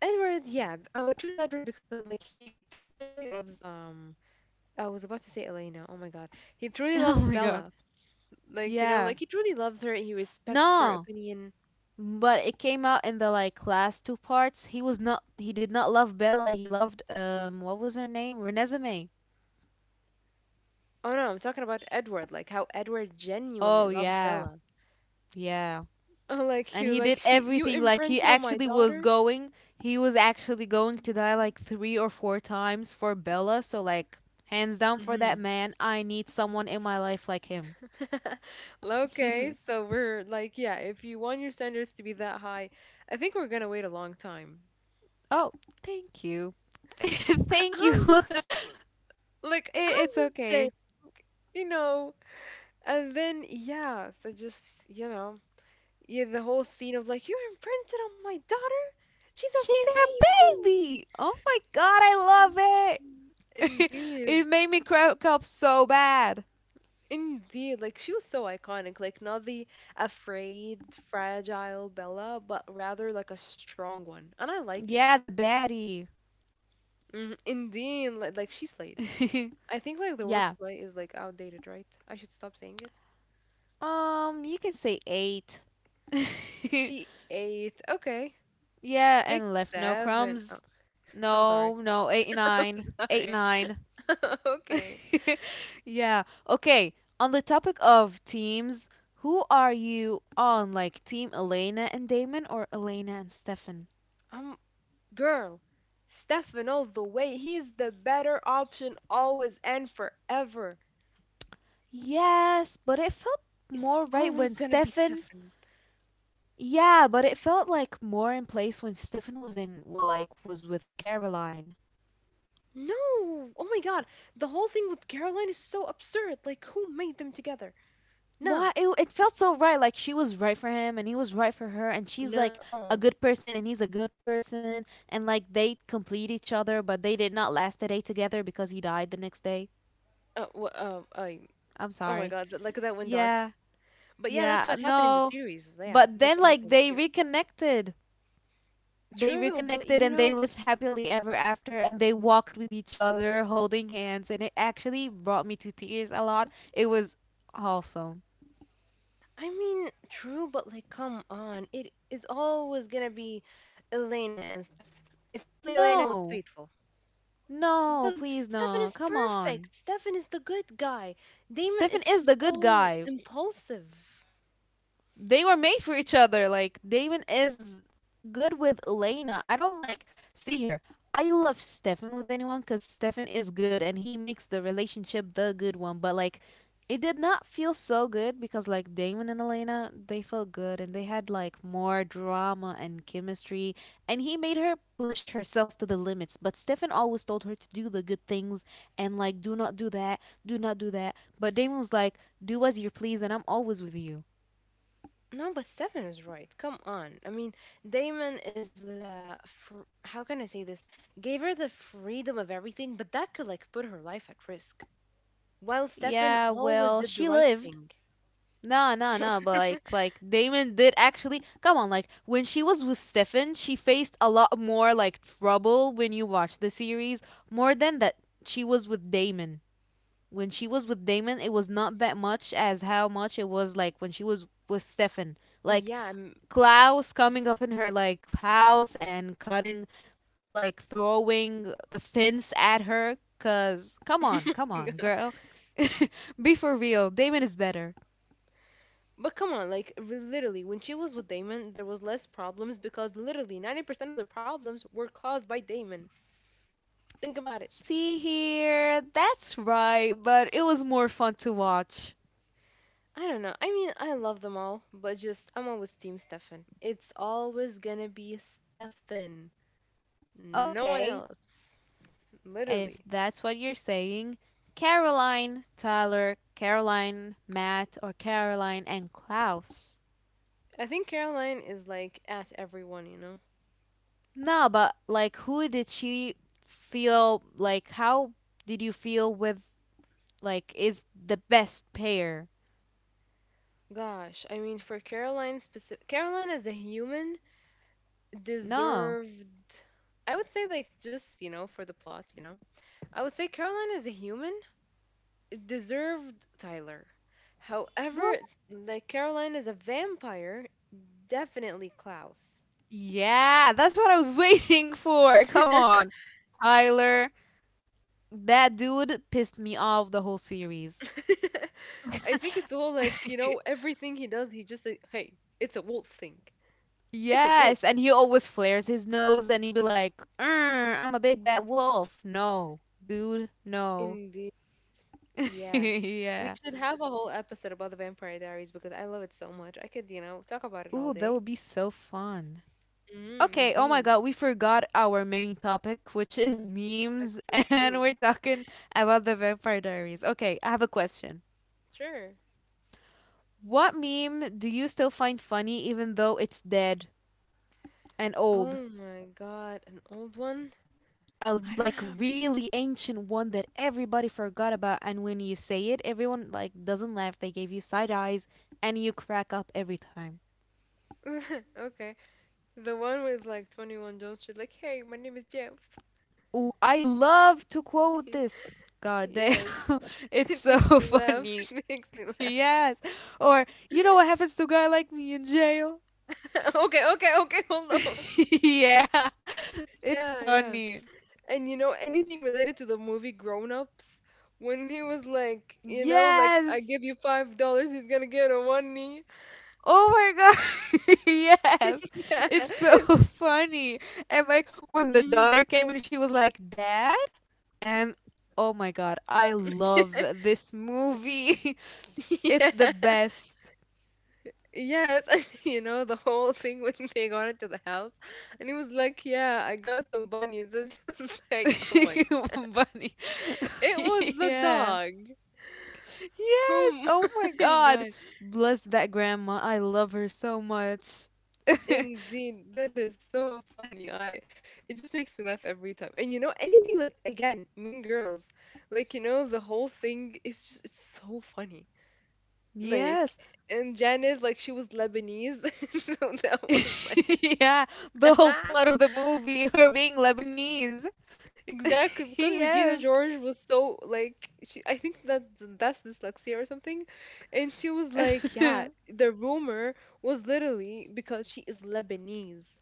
Speaker 1: Edward. Yeah, I would choose Edward because like he truly loves. I was about to say Elena. Oh my God, he truly
Speaker 2: Oh
Speaker 1: loves
Speaker 2: my God.
Speaker 1: Bella. Like you know
Speaker 2: Yeah.
Speaker 1: like he truly loves her. He respects her
Speaker 2: No.
Speaker 1: opinion.
Speaker 2: But it came out in the like last two parts. He was not. He did not love Bella. He loved What was her name? Renesmee.
Speaker 1: Oh no, I'm talking about Edward. Like how Edward
Speaker 2: Oh
Speaker 1: genuinely loves
Speaker 2: yeah,
Speaker 1: Bella.
Speaker 2: yeah.
Speaker 1: Oh, like
Speaker 2: And
Speaker 1: you
Speaker 2: he did
Speaker 1: like she you
Speaker 2: everything. Like he
Speaker 1: imprinted on my
Speaker 2: actually was
Speaker 1: daughter.
Speaker 2: going. He was actually going to die like 3 or 4 times for Bella. So like, hands down for
Speaker 1: Mm-hmm.
Speaker 2: that man. I need someone in my life like him.
Speaker 1: Okay, so we're like, yeah, if you want your standards to be that high, I think we're gonna wait a long time.
Speaker 2: Oh, thank you.
Speaker 1: I,
Speaker 2: Thank you.
Speaker 1: I'm just
Speaker 2: I-
Speaker 1: like, I'm
Speaker 2: it's
Speaker 1: just
Speaker 2: okay.
Speaker 1: saying. You know, and then yeah, so just, you know, yeah, the whole scene of like, you imprinted on my daughter? She's a
Speaker 2: She's a
Speaker 1: baby.
Speaker 2: baby. Oh my god, I love it
Speaker 1: Indeed.
Speaker 2: made me crack up so bad.
Speaker 1: Indeed. Like she was so iconic. Like not the afraid, fragile Bella, but rather like a strong one. And I like it.
Speaker 2: Yeah, the baddie.
Speaker 1: Indeed, like she slayed. I think like the word
Speaker 2: Yeah.
Speaker 1: slay is like outdated, right? I should stop saying it.
Speaker 2: You can say eight.
Speaker 1: She ate. Okay,
Speaker 2: Yeah,
Speaker 1: six,
Speaker 2: and left no
Speaker 1: seven. Oh,
Speaker 2: crumbs.
Speaker 1: I'm sorry.
Speaker 2: No, no, eight
Speaker 1: I'm
Speaker 2: nine, eight
Speaker 1: sorry.
Speaker 2: nine.
Speaker 1: Okay.
Speaker 2: Yeah. Okay. On the topic of teams, who are you on? Like team Elena and Damon or Elena and Stefan?
Speaker 1: Um, girl, Stefan all the way. He's the better option always and forever.
Speaker 2: Yes, but it felt more
Speaker 1: It's
Speaker 2: right
Speaker 1: always
Speaker 2: when
Speaker 1: gonna be
Speaker 2: Stefan.
Speaker 1: Stefan.
Speaker 2: Yeah, but it felt like more in place when Stefan was in well like was with Caroline.
Speaker 1: No! Oh my god, the whole thing with Caroline is so absurd. Like, who made them together? Nah.
Speaker 2: Why it felt so right like she was right for him and he was right for her and she's like a
Speaker 1: Nuh-uh.
Speaker 2: good person and he's a good person and like they complete each other but they did not last a day together because he died the next day.
Speaker 1: Uh, wh- uh, uh,
Speaker 2: I'm
Speaker 1: Oh my
Speaker 2: sorry.
Speaker 1: god, like that went dark.
Speaker 2: Yeah.
Speaker 1: But yeah, that's
Speaker 2: Yeah,
Speaker 1: what happened in the
Speaker 2: no.
Speaker 1: series. Yeah,
Speaker 2: But
Speaker 1: that's
Speaker 2: then
Speaker 1: what happened
Speaker 2: like
Speaker 1: in
Speaker 2: they
Speaker 1: the series.
Speaker 2: reconnected. They
Speaker 1: True, but you
Speaker 2: reconnected and they
Speaker 1: know,
Speaker 2: lived happily ever after and they walked with each other holding hands and it actually brought me to tears a lot. It was awesome.
Speaker 1: I mean, true, but like, come on. It is always gonna be Elena and Stefan. If only Elena was
Speaker 2: No.
Speaker 1: faithful.
Speaker 2: No,
Speaker 1: Because
Speaker 2: please
Speaker 1: Stefan
Speaker 2: no.
Speaker 1: is
Speaker 2: Come
Speaker 1: perfect.
Speaker 2: on.
Speaker 1: Stefan is the good guy. Damon
Speaker 2: Stefan
Speaker 1: is
Speaker 2: is the good
Speaker 1: so
Speaker 2: guy,
Speaker 1: impulsive.
Speaker 2: they were made for each other. Like Damon is good with Elena. I don't like see here. I love Stefan with anyone because Stefan is good and he makes the relationship the good one. But like, it did not feel so good because like Damon and Elena, they felt good and they had like more drama and chemistry. And he made her push herself to the limits. But Stefan always told her to do the good things and like, do not do that, do not do that. But Damon was like, do as you please and I'm always with you.
Speaker 1: No, but Stefan is right. Come on. I mean, Damon is how can I say this? Gave her the freedom of everything, but that could like put her life at risk. While Stefan
Speaker 2: Yeah,
Speaker 1: always
Speaker 2: well,
Speaker 1: did the
Speaker 2: she
Speaker 1: right
Speaker 2: lived.
Speaker 1: thing.
Speaker 2: No, no, no, but like Damon did actually come on, like when she was with Stefan, she faced a lot more like trouble when you watch the series, more than that she was with Damon. When she was with Damon, it was not that much as how much it was like when she was with Stefan. Like
Speaker 1: Yeah, I'm-
Speaker 2: Klaus coming up in her like house and cutting like throwing a fence at her. Cause come on, come on, girl. Be for real. Damon is better.
Speaker 1: but come on, like re- literally, when she was with Damon, there was less problems because literally 90% of the problems were caused by Damon. Think about it.
Speaker 2: See here, that's right, but it was more fun to watch.
Speaker 1: I don't know. I mean, I love them all, but just I'm always team Stefan. It's always gonna be Stefan, no one
Speaker 2: Okay,
Speaker 1: else.
Speaker 2: if
Speaker 1: Literally.
Speaker 2: that's what you're saying, Caroline, Tyler, Caroline, Matt, or Caroline and Klaus.
Speaker 1: I think Caroline is like at everyone, you know.
Speaker 2: Nah, but like, who did she feel like? How did you feel with like is the best pair?
Speaker 1: Gosh, I mean, for Caroline specific, Caroline as a human
Speaker 2: No,
Speaker 1: deserved, I would say like just, you know, for the plot, you know. I would say Caroline is a human deserved Tyler.
Speaker 2: well,
Speaker 1: However, like Caroline is a vampire, definitely Klaus.
Speaker 2: yeah, that's what I was waiting for. Come on, Tyler. That dude pissed me off the whole series.
Speaker 1: I think it's all like, you know, everything he does, he just like, hey, it's a wolf thing. It's a wolf
Speaker 2: Yes, and
Speaker 1: thing.
Speaker 2: he always flares his nose and he be like, I'm a big bad wolf. No, dude, no."
Speaker 1: Indeed. Yes. We
Speaker 2: Yeah.
Speaker 1: should have a whole episode about the Vampire Diaries because I love it so much. I could, you know, talk about it all
Speaker 2: Ooh, that
Speaker 1: day.
Speaker 2: would be so fun.
Speaker 1: Mm,
Speaker 2: Okay, oh my
Speaker 1: indeed.
Speaker 2: god, we forgot our main topic, which is memes,
Speaker 1: That's so
Speaker 2: and
Speaker 1: true.
Speaker 2: we're talking about the Vampire Diaries. Okay, I have a question.
Speaker 1: Sure.
Speaker 2: What meme do you still find funny even though it's dead and old?
Speaker 1: Oh my god, an old one?
Speaker 2: A like
Speaker 1: I
Speaker 2: really ancient one that everybody forgot about, and when you say it everyone like doesn't laugh, they give you side eyes and you crack up every time.
Speaker 1: don't have. Okay. The one with like 21 Jump Street, like, hey, my name is Jeff.
Speaker 2: Oh, I love to quote this. God damn.
Speaker 1: Yes.
Speaker 2: It's
Speaker 1: It
Speaker 2: so
Speaker 1: makes me laugh.
Speaker 2: funny.
Speaker 1: It makes me laugh.
Speaker 2: Yes. Or you know what happens to a guy like me in jail?
Speaker 1: Okay, okay, okay, hold on.
Speaker 2: Yeah. It's
Speaker 1: Yeah, yeah.
Speaker 2: funny.
Speaker 1: And you know, anything related to the movie Grown Ups, when he was like, you know, like, I
Speaker 2: Yes.
Speaker 1: give you $5, he's gonna get on one knee.
Speaker 2: Oh my god. Yes.
Speaker 1: Yeah.
Speaker 2: It's so funny. And like when the
Speaker 1: Hmm.
Speaker 2: daughter came and she was like, "Dad?" And oh my god, I love this movie.
Speaker 1: Yeah.
Speaker 2: It's the best.
Speaker 1: Yes, you know, the whole thing when they got into the house, and he was like, "Yeah, I got some bunnies." And she was like, "Oh my god,
Speaker 2: Bunny.
Speaker 1: it was the
Speaker 2: Yeah.
Speaker 1: dog!"
Speaker 2: Yes.
Speaker 1: Oh
Speaker 2: Oh my
Speaker 1: my
Speaker 2: god.
Speaker 1: god,
Speaker 2: Bless that grandma. I love her so much.
Speaker 1: indeed, that is so funny. I, it just makes me laugh every time. And you know, anything like again, Mean Girls, like you know, the whole thing is just it's so funny. Like,
Speaker 2: Yes.
Speaker 1: and Janice, like she was Lebanese, so that was like.
Speaker 2: Yeah. The whole plot of the movie, her being Lebanese.
Speaker 1: Exactly, because Regina
Speaker 2: Yes.
Speaker 1: George was so like she I think that that's dyslexia or something. And she was like, yeah, the rumor was literally because she is Lebanese.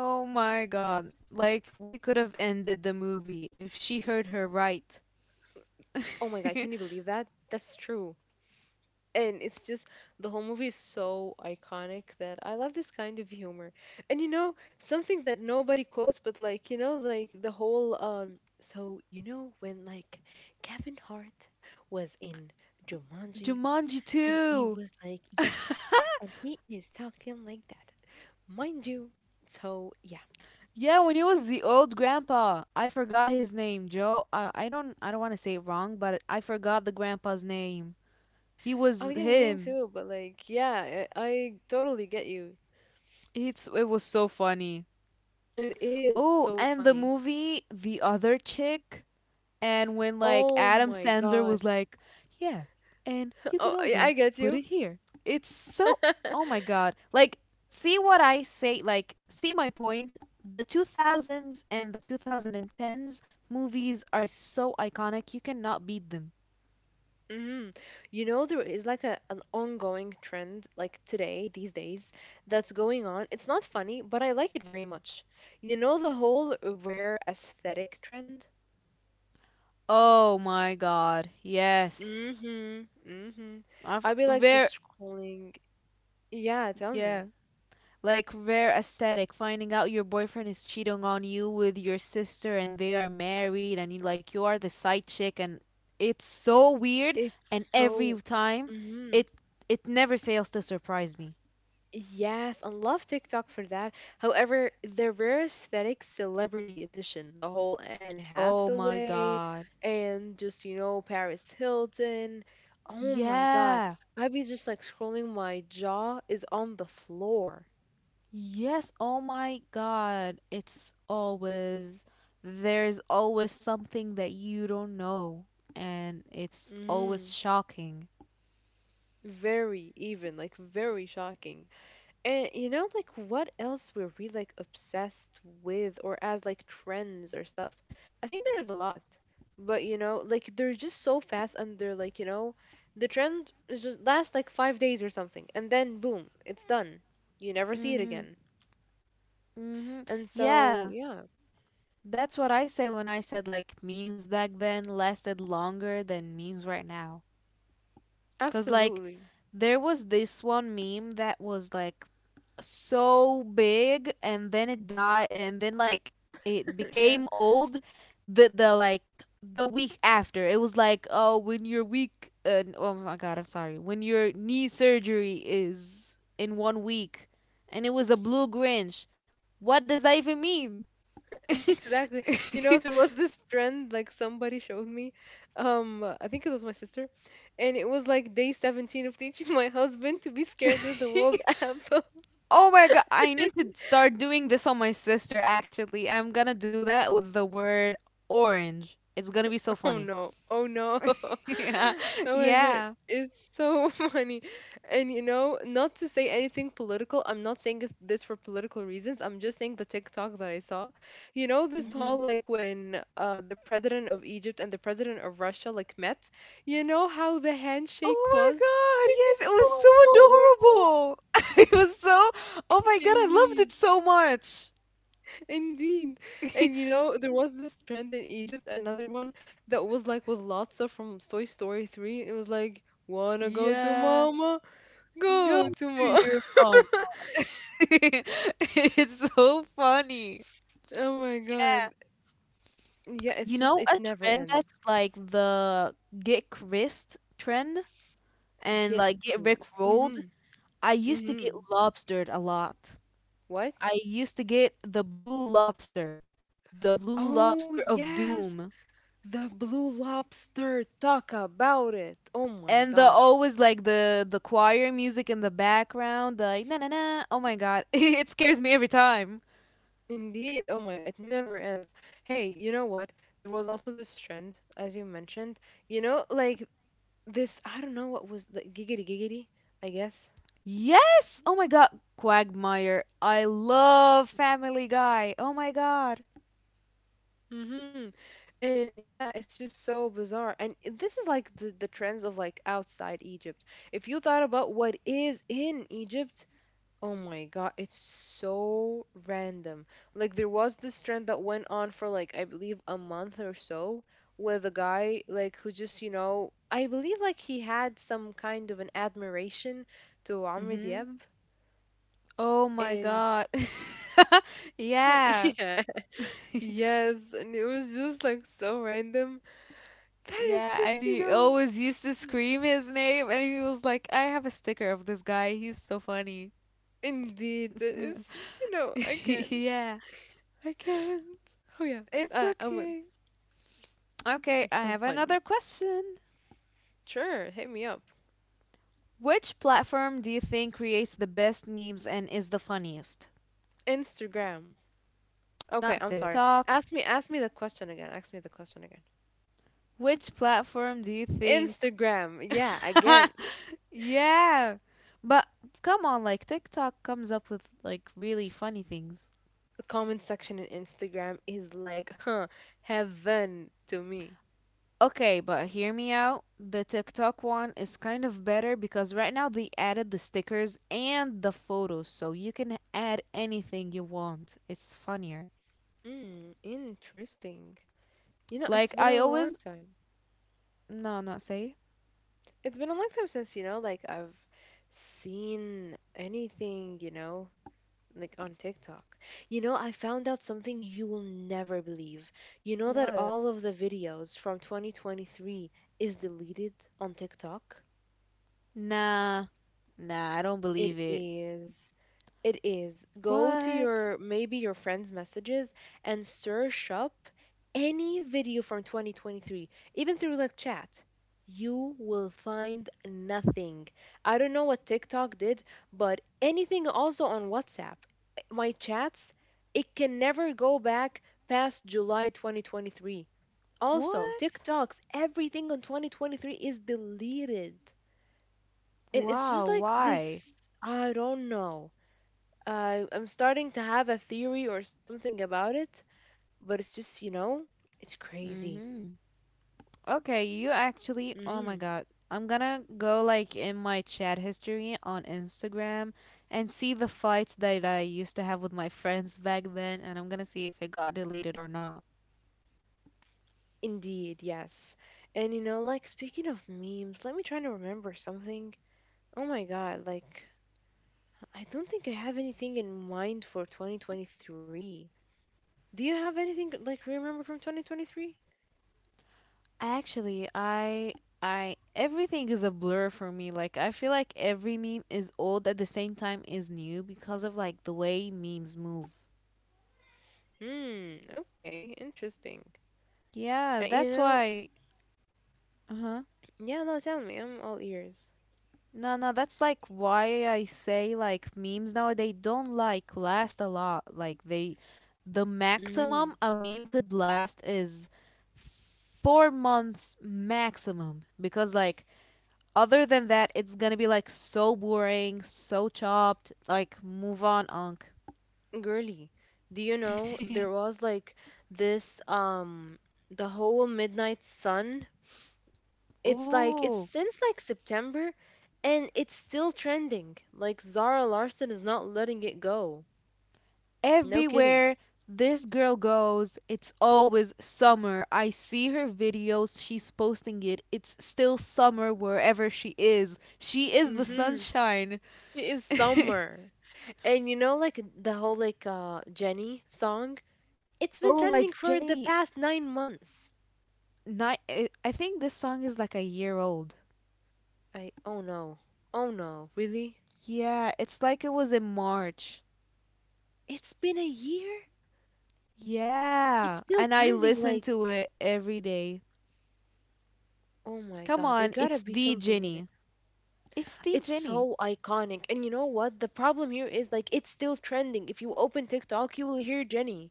Speaker 2: Oh my god. Like, we could have ended the movie if she heard her right.
Speaker 1: Oh my God, can you believe that? That's true. And it's just the whole movie is so iconic that I love this kind of humor. And you know, something that nobody quotes, but like, you know, like the whole so you know when like Kevin Hart was in Jumanji.
Speaker 2: Jumanji
Speaker 1: And he
Speaker 2: 2!
Speaker 1: was like, yes. And he is talking like that, mind you. So, yeah.
Speaker 2: Yeah, when he was the old grandpa. I forgot his name, Joe. I don't want to say it wrong, but I forgot the grandpa's name. He was
Speaker 1: I didn't mean
Speaker 2: him.
Speaker 1: to, but like, yeah, I totally get you.
Speaker 2: It was so funny.
Speaker 1: It is
Speaker 2: Oh,
Speaker 1: so
Speaker 2: and the
Speaker 1: funny.
Speaker 2: movie The Other Chick. And when like
Speaker 1: Oh
Speaker 2: Adam
Speaker 1: my
Speaker 2: Sandler was
Speaker 1: God.
Speaker 2: like, "Yeah, and you can
Speaker 1: Oh, I
Speaker 2: also
Speaker 1: get
Speaker 2: put
Speaker 1: you.
Speaker 2: it here." It's so Oh my god. Like, see what I say, like see my point. The 2000s and the 2010s movies are so iconic. You cannot beat them.
Speaker 1: Hmm. You know, there is like an ongoing trend, like today, these days, that's going on. It's not funny, but I like it very much. You know, the whole rare aesthetic trend?
Speaker 2: Oh my god. Yes.
Speaker 1: Mhm. Mhm.
Speaker 2: I've
Speaker 1: I be like
Speaker 2: very
Speaker 1: just scrolling. Yeah, tell
Speaker 2: Yeah.
Speaker 1: me.
Speaker 2: Like, rare aesthetic, finding out your boyfriend is cheating on you with your sister, and they are married and you like you are the side chick, and it's so weird,
Speaker 1: It's
Speaker 2: and every
Speaker 1: so
Speaker 2: time
Speaker 1: mhm.
Speaker 2: it it never fails to surprise me.
Speaker 1: Yes, I love TikTok for that. However, the rare aesthetic celebrity edition, the whole Anne
Speaker 2: Oh my
Speaker 1: Hathaway
Speaker 2: god.
Speaker 1: and just, you know, Paris Hilton. Oh my God.
Speaker 2: Yeah.
Speaker 1: I'd be just like scrolling, my jaw is on the floor.
Speaker 2: Yes, oh my god. It's always There's always something that you don't know, and it's always
Speaker 1: Mm,
Speaker 2: shocking.
Speaker 1: very even, like very shocking. And you know, like what else were we like obsessed with or as like trends or stuff? I think there's a lot. But you know, like they're just so fast and they're like, you know, the trend is just lasts like 5 days or something, and then boom, it's done. You never see it
Speaker 2: Mhm.
Speaker 1: again.
Speaker 2: Mhm.
Speaker 1: And so
Speaker 2: Yeah.
Speaker 1: yeah,
Speaker 2: That's what I say when I said like memes back then lasted longer than memes right now. 'Cause like
Speaker 1: absolutely.
Speaker 2: there was this one meme that was like so big, and then it died, and then like it
Speaker 1: Yeah.
Speaker 2: became old the week after. It was like, oh, when your week oh my god, I'm sorry. When your knee surgery is in 1 week and it was a blue Grinch. What does that even mean?
Speaker 1: Exactly. You know, there was this trend like somebody showed me. I think it was my sister, and it was like day 17 of teaching my husband to be scared of the world app.
Speaker 2: Oh my god, I need to start doing this on my sister actually. I'm gonna do that with the word orange. It's gonna be so
Speaker 1: Oh
Speaker 2: funny.
Speaker 1: no. Oh no.
Speaker 2: Yeah.
Speaker 1: Oh my God.
Speaker 2: Yeah.
Speaker 1: It's so funny. And you know, not to say anything political, I'm not saying this for political reasons. I'm just saying the TikTok that I saw. You know, this
Speaker 2: Hmm.
Speaker 1: whole like when the president of Egypt and the president of Russia like met, you know how the handshake was? Like, it's
Speaker 2: Oh my god, yes, it was
Speaker 1: so
Speaker 2: so adorable. It was so... Oh my god, I loved it
Speaker 1: indeed.
Speaker 2: so much.
Speaker 1: Indeed. And you know, there was this trend in Egypt, another one that was like with Lotso from Toy Story 3. It was like, wanna go to
Speaker 2: Yeah.
Speaker 1: mama? Go
Speaker 2: Go
Speaker 1: to
Speaker 2: to
Speaker 1: mama.
Speaker 2: your mom. It's so funny.
Speaker 1: Oh my
Speaker 2: Yeah.
Speaker 1: God. Yeah,
Speaker 2: You
Speaker 1: it's just
Speaker 2: know
Speaker 1: it
Speaker 2: a
Speaker 1: never
Speaker 2: trend that's
Speaker 1: ends.
Speaker 2: like the get Chris trend? And
Speaker 1: Get
Speaker 2: like get
Speaker 1: cool.
Speaker 2: rickrolled.
Speaker 1: Mhm.
Speaker 2: I used to get
Speaker 1: Mhm.
Speaker 2: lobstered a lot.
Speaker 1: What?
Speaker 2: I used to get the blue
Speaker 1: Oh,
Speaker 2: lobster of
Speaker 1: yes.
Speaker 2: doom.
Speaker 1: The Blue Lobster. Talk about it. Oh my
Speaker 2: And the
Speaker 1: God.
Speaker 2: always like the choir music in the background, like na na na. Oh my god, it scares me every time.
Speaker 1: Indeed. Oh my, it never ends. Hey, you know what? There was also this trend, as you mentioned, you know, like this, I don't know what was like giggity giggity, I guess.
Speaker 2: Yes! Oh my god, Quagmire. I love Family Guy. Oh my god.
Speaker 1: Mm-hmm. And yeah, it's just so bizarre. And this is like the trends of like outside Egypt. If you thought about what is in Egypt, oh my god, it's so random. Like there was this trend that went on for like I believe a month or so with a guy like who just, you know, I believe like he had some kind of an admiration to Amr
Speaker 2: Mhm.
Speaker 1: Diab
Speaker 2: Oh my
Speaker 1: and
Speaker 2: god. Yeah.
Speaker 1: yeah. Yes, and it was just like so random. That
Speaker 2: Yeah,
Speaker 1: is
Speaker 2: and
Speaker 1: just, you
Speaker 2: he
Speaker 1: know,
Speaker 2: always used to
Speaker 1: mm,
Speaker 2: scream his name, and he was like, I have a sticker of this guy. He's so funny.
Speaker 1: indeed, that is, you know, I can't.
Speaker 2: Yeah,
Speaker 1: I can't. Oh yeah.
Speaker 2: it's
Speaker 1: Uh, I'm,
Speaker 2: okay. Okay,
Speaker 1: it's
Speaker 2: I
Speaker 1: so
Speaker 2: have another
Speaker 1: funny.
Speaker 2: question.
Speaker 1: Sure, hit me up.
Speaker 2: Which platform do you think creates the best memes and is the funniest?
Speaker 1: Instagram. Okay,
Speaker 2: Not
Speaker 1: I'm sorry.
Speaker 2: TikTok.
Speaker 1: Ask me the question again. Ask me the question again.
Speaker 2: Which platform do you think?
Speaker 1: Instagram. Yeah, again,
Speaker 2: Yeah, but come on, like TikTok comes up with like really funny things.
Speaker 1: the comment section in Instagram is like, huh, heaven to me.
Speaker 2: Okay, but hear me out. The TikTok one is kind of better because right now they added the stickers and the photos, so you can add anything you want. It's funnier.
Speaker 1: Hmm, interesting. You know,
Speaker 2: Like
Speaker 1: it's been
Speaker 2: I
Speaker 1: a long
Speaker 2: always,
Speaker 1: time.
Speaker 2: no, not say.
Speaker 1: It's been a long time since, you know, like I've seen anything, you know, like on TikTok. You know, I found out something you will never believe. You know that
Speaker 2: What?
Speaker 1: all of the videos from 2023 is deleted on TikTok?
Speaker 2: Nah, nah, I don't believe
Speaker 1: It
Speaker 2: it.
Speaker 1: is. It is. Go to
Speaker 2: What?
Speaker 1: your maybe your friend's messages and search up any video from 2023, even through like chat. You will find nothing. I don't know what TikTok did, but anything also on WhatsApp. My chats, it can never go back past July 2023. Also,
Speaker 2: What?
Speaker 1: TikToks, everything on 2023 is deleted and it's
Speaker 2: Wow,
Speaker 1: just like
Speaker 2: why?
Speaker 1: this. I don't know. I'm starting to have a theory or something about it, but it's just it's crazy.
Speaker 2: Mhm. Okay, you actually, oh my
Speaker 1: Hmm.
Speaker 2: god. I'm gonna go like in my chat history on Instagram and see the fights that I used to have with my friends back then and I'm gonna see if it got deleted or not.
Speaker 1: Indeed, yes. And you know, like, speaking of memes, let me try to remember something. Oh my god, like, I don't think I have anything in mind for 2023. Do you have anything like remember from 2023?
Speaker 2: Actually, I everything is a blur for me. Like I feel like every meme is old at the same time is new because of like the way memes move.
Speaker 1: Hmm, okay, interesting.
Speaker 2: Yeah, that's
Speaker 1: You know?
Speaker 2: why. Uh-huh.
Speaker 1: Yeah, no, tell me, I'm all ears.
Speaker 2: No, no, that's like why I say like memes nowadays don't like last a lot. Like the maximum
Speaker 1: Mm-hmm.
Speaker 2: a meme could last is 4 months maximum because like other than that it's gonna be like so boring, so chopped. Like move on, Unc.
Speaker 1: Girly. Do you know there was like this the whole midnight sun? It's like it's
Speaker 2: Ooh.
Speaker 1: since like September and it's still trending. Like Zara Larson is not letting it go. No kidding.
Speaker 2: Everywhere this girl goes, it's always summer. I see her videos, she's posting it. It's still summer wherever she is. She is the
Speaker 1: Mhm.
Speaker 2: sunshine.
Speaker 1: She is summer. And you know like the whole like Jenny song? It's been
Speaker 2: Oh,
Speaker 1: trending
Speaker 2: like
Speaker 1: for the
Speaker 2: Jenny,
Speaker 1: past 9 months.
Speaker 2: I think this song is like a year old.
Speaker 1: I oh no. Oh no, really?
Speaker 2: Yeah, it's like it was in March.
Speaker 1: It's been a year? It's
Speaker 2: Yeah,
Speaker 1: still
Speaker 2: and I
Speaker 1: trending like
Speaker 2: listen to it every day.
Speaker 1: oh my
Speaker 2: Come
Speaker 1: god, there
Speaker 2: on,
Speaker 1: gotta
Speaker 2: it's
Speaker 1: be
Speaker 2: the
Speaker 1: something in it.
Speaker 2: Jenny. It's the
Speaker 1: It's
Speaker 2: Jenny.
Speaker 1: so iconic. And you know what? The problem here is like it's still trending. If you open TikTok, you will hear Jenny.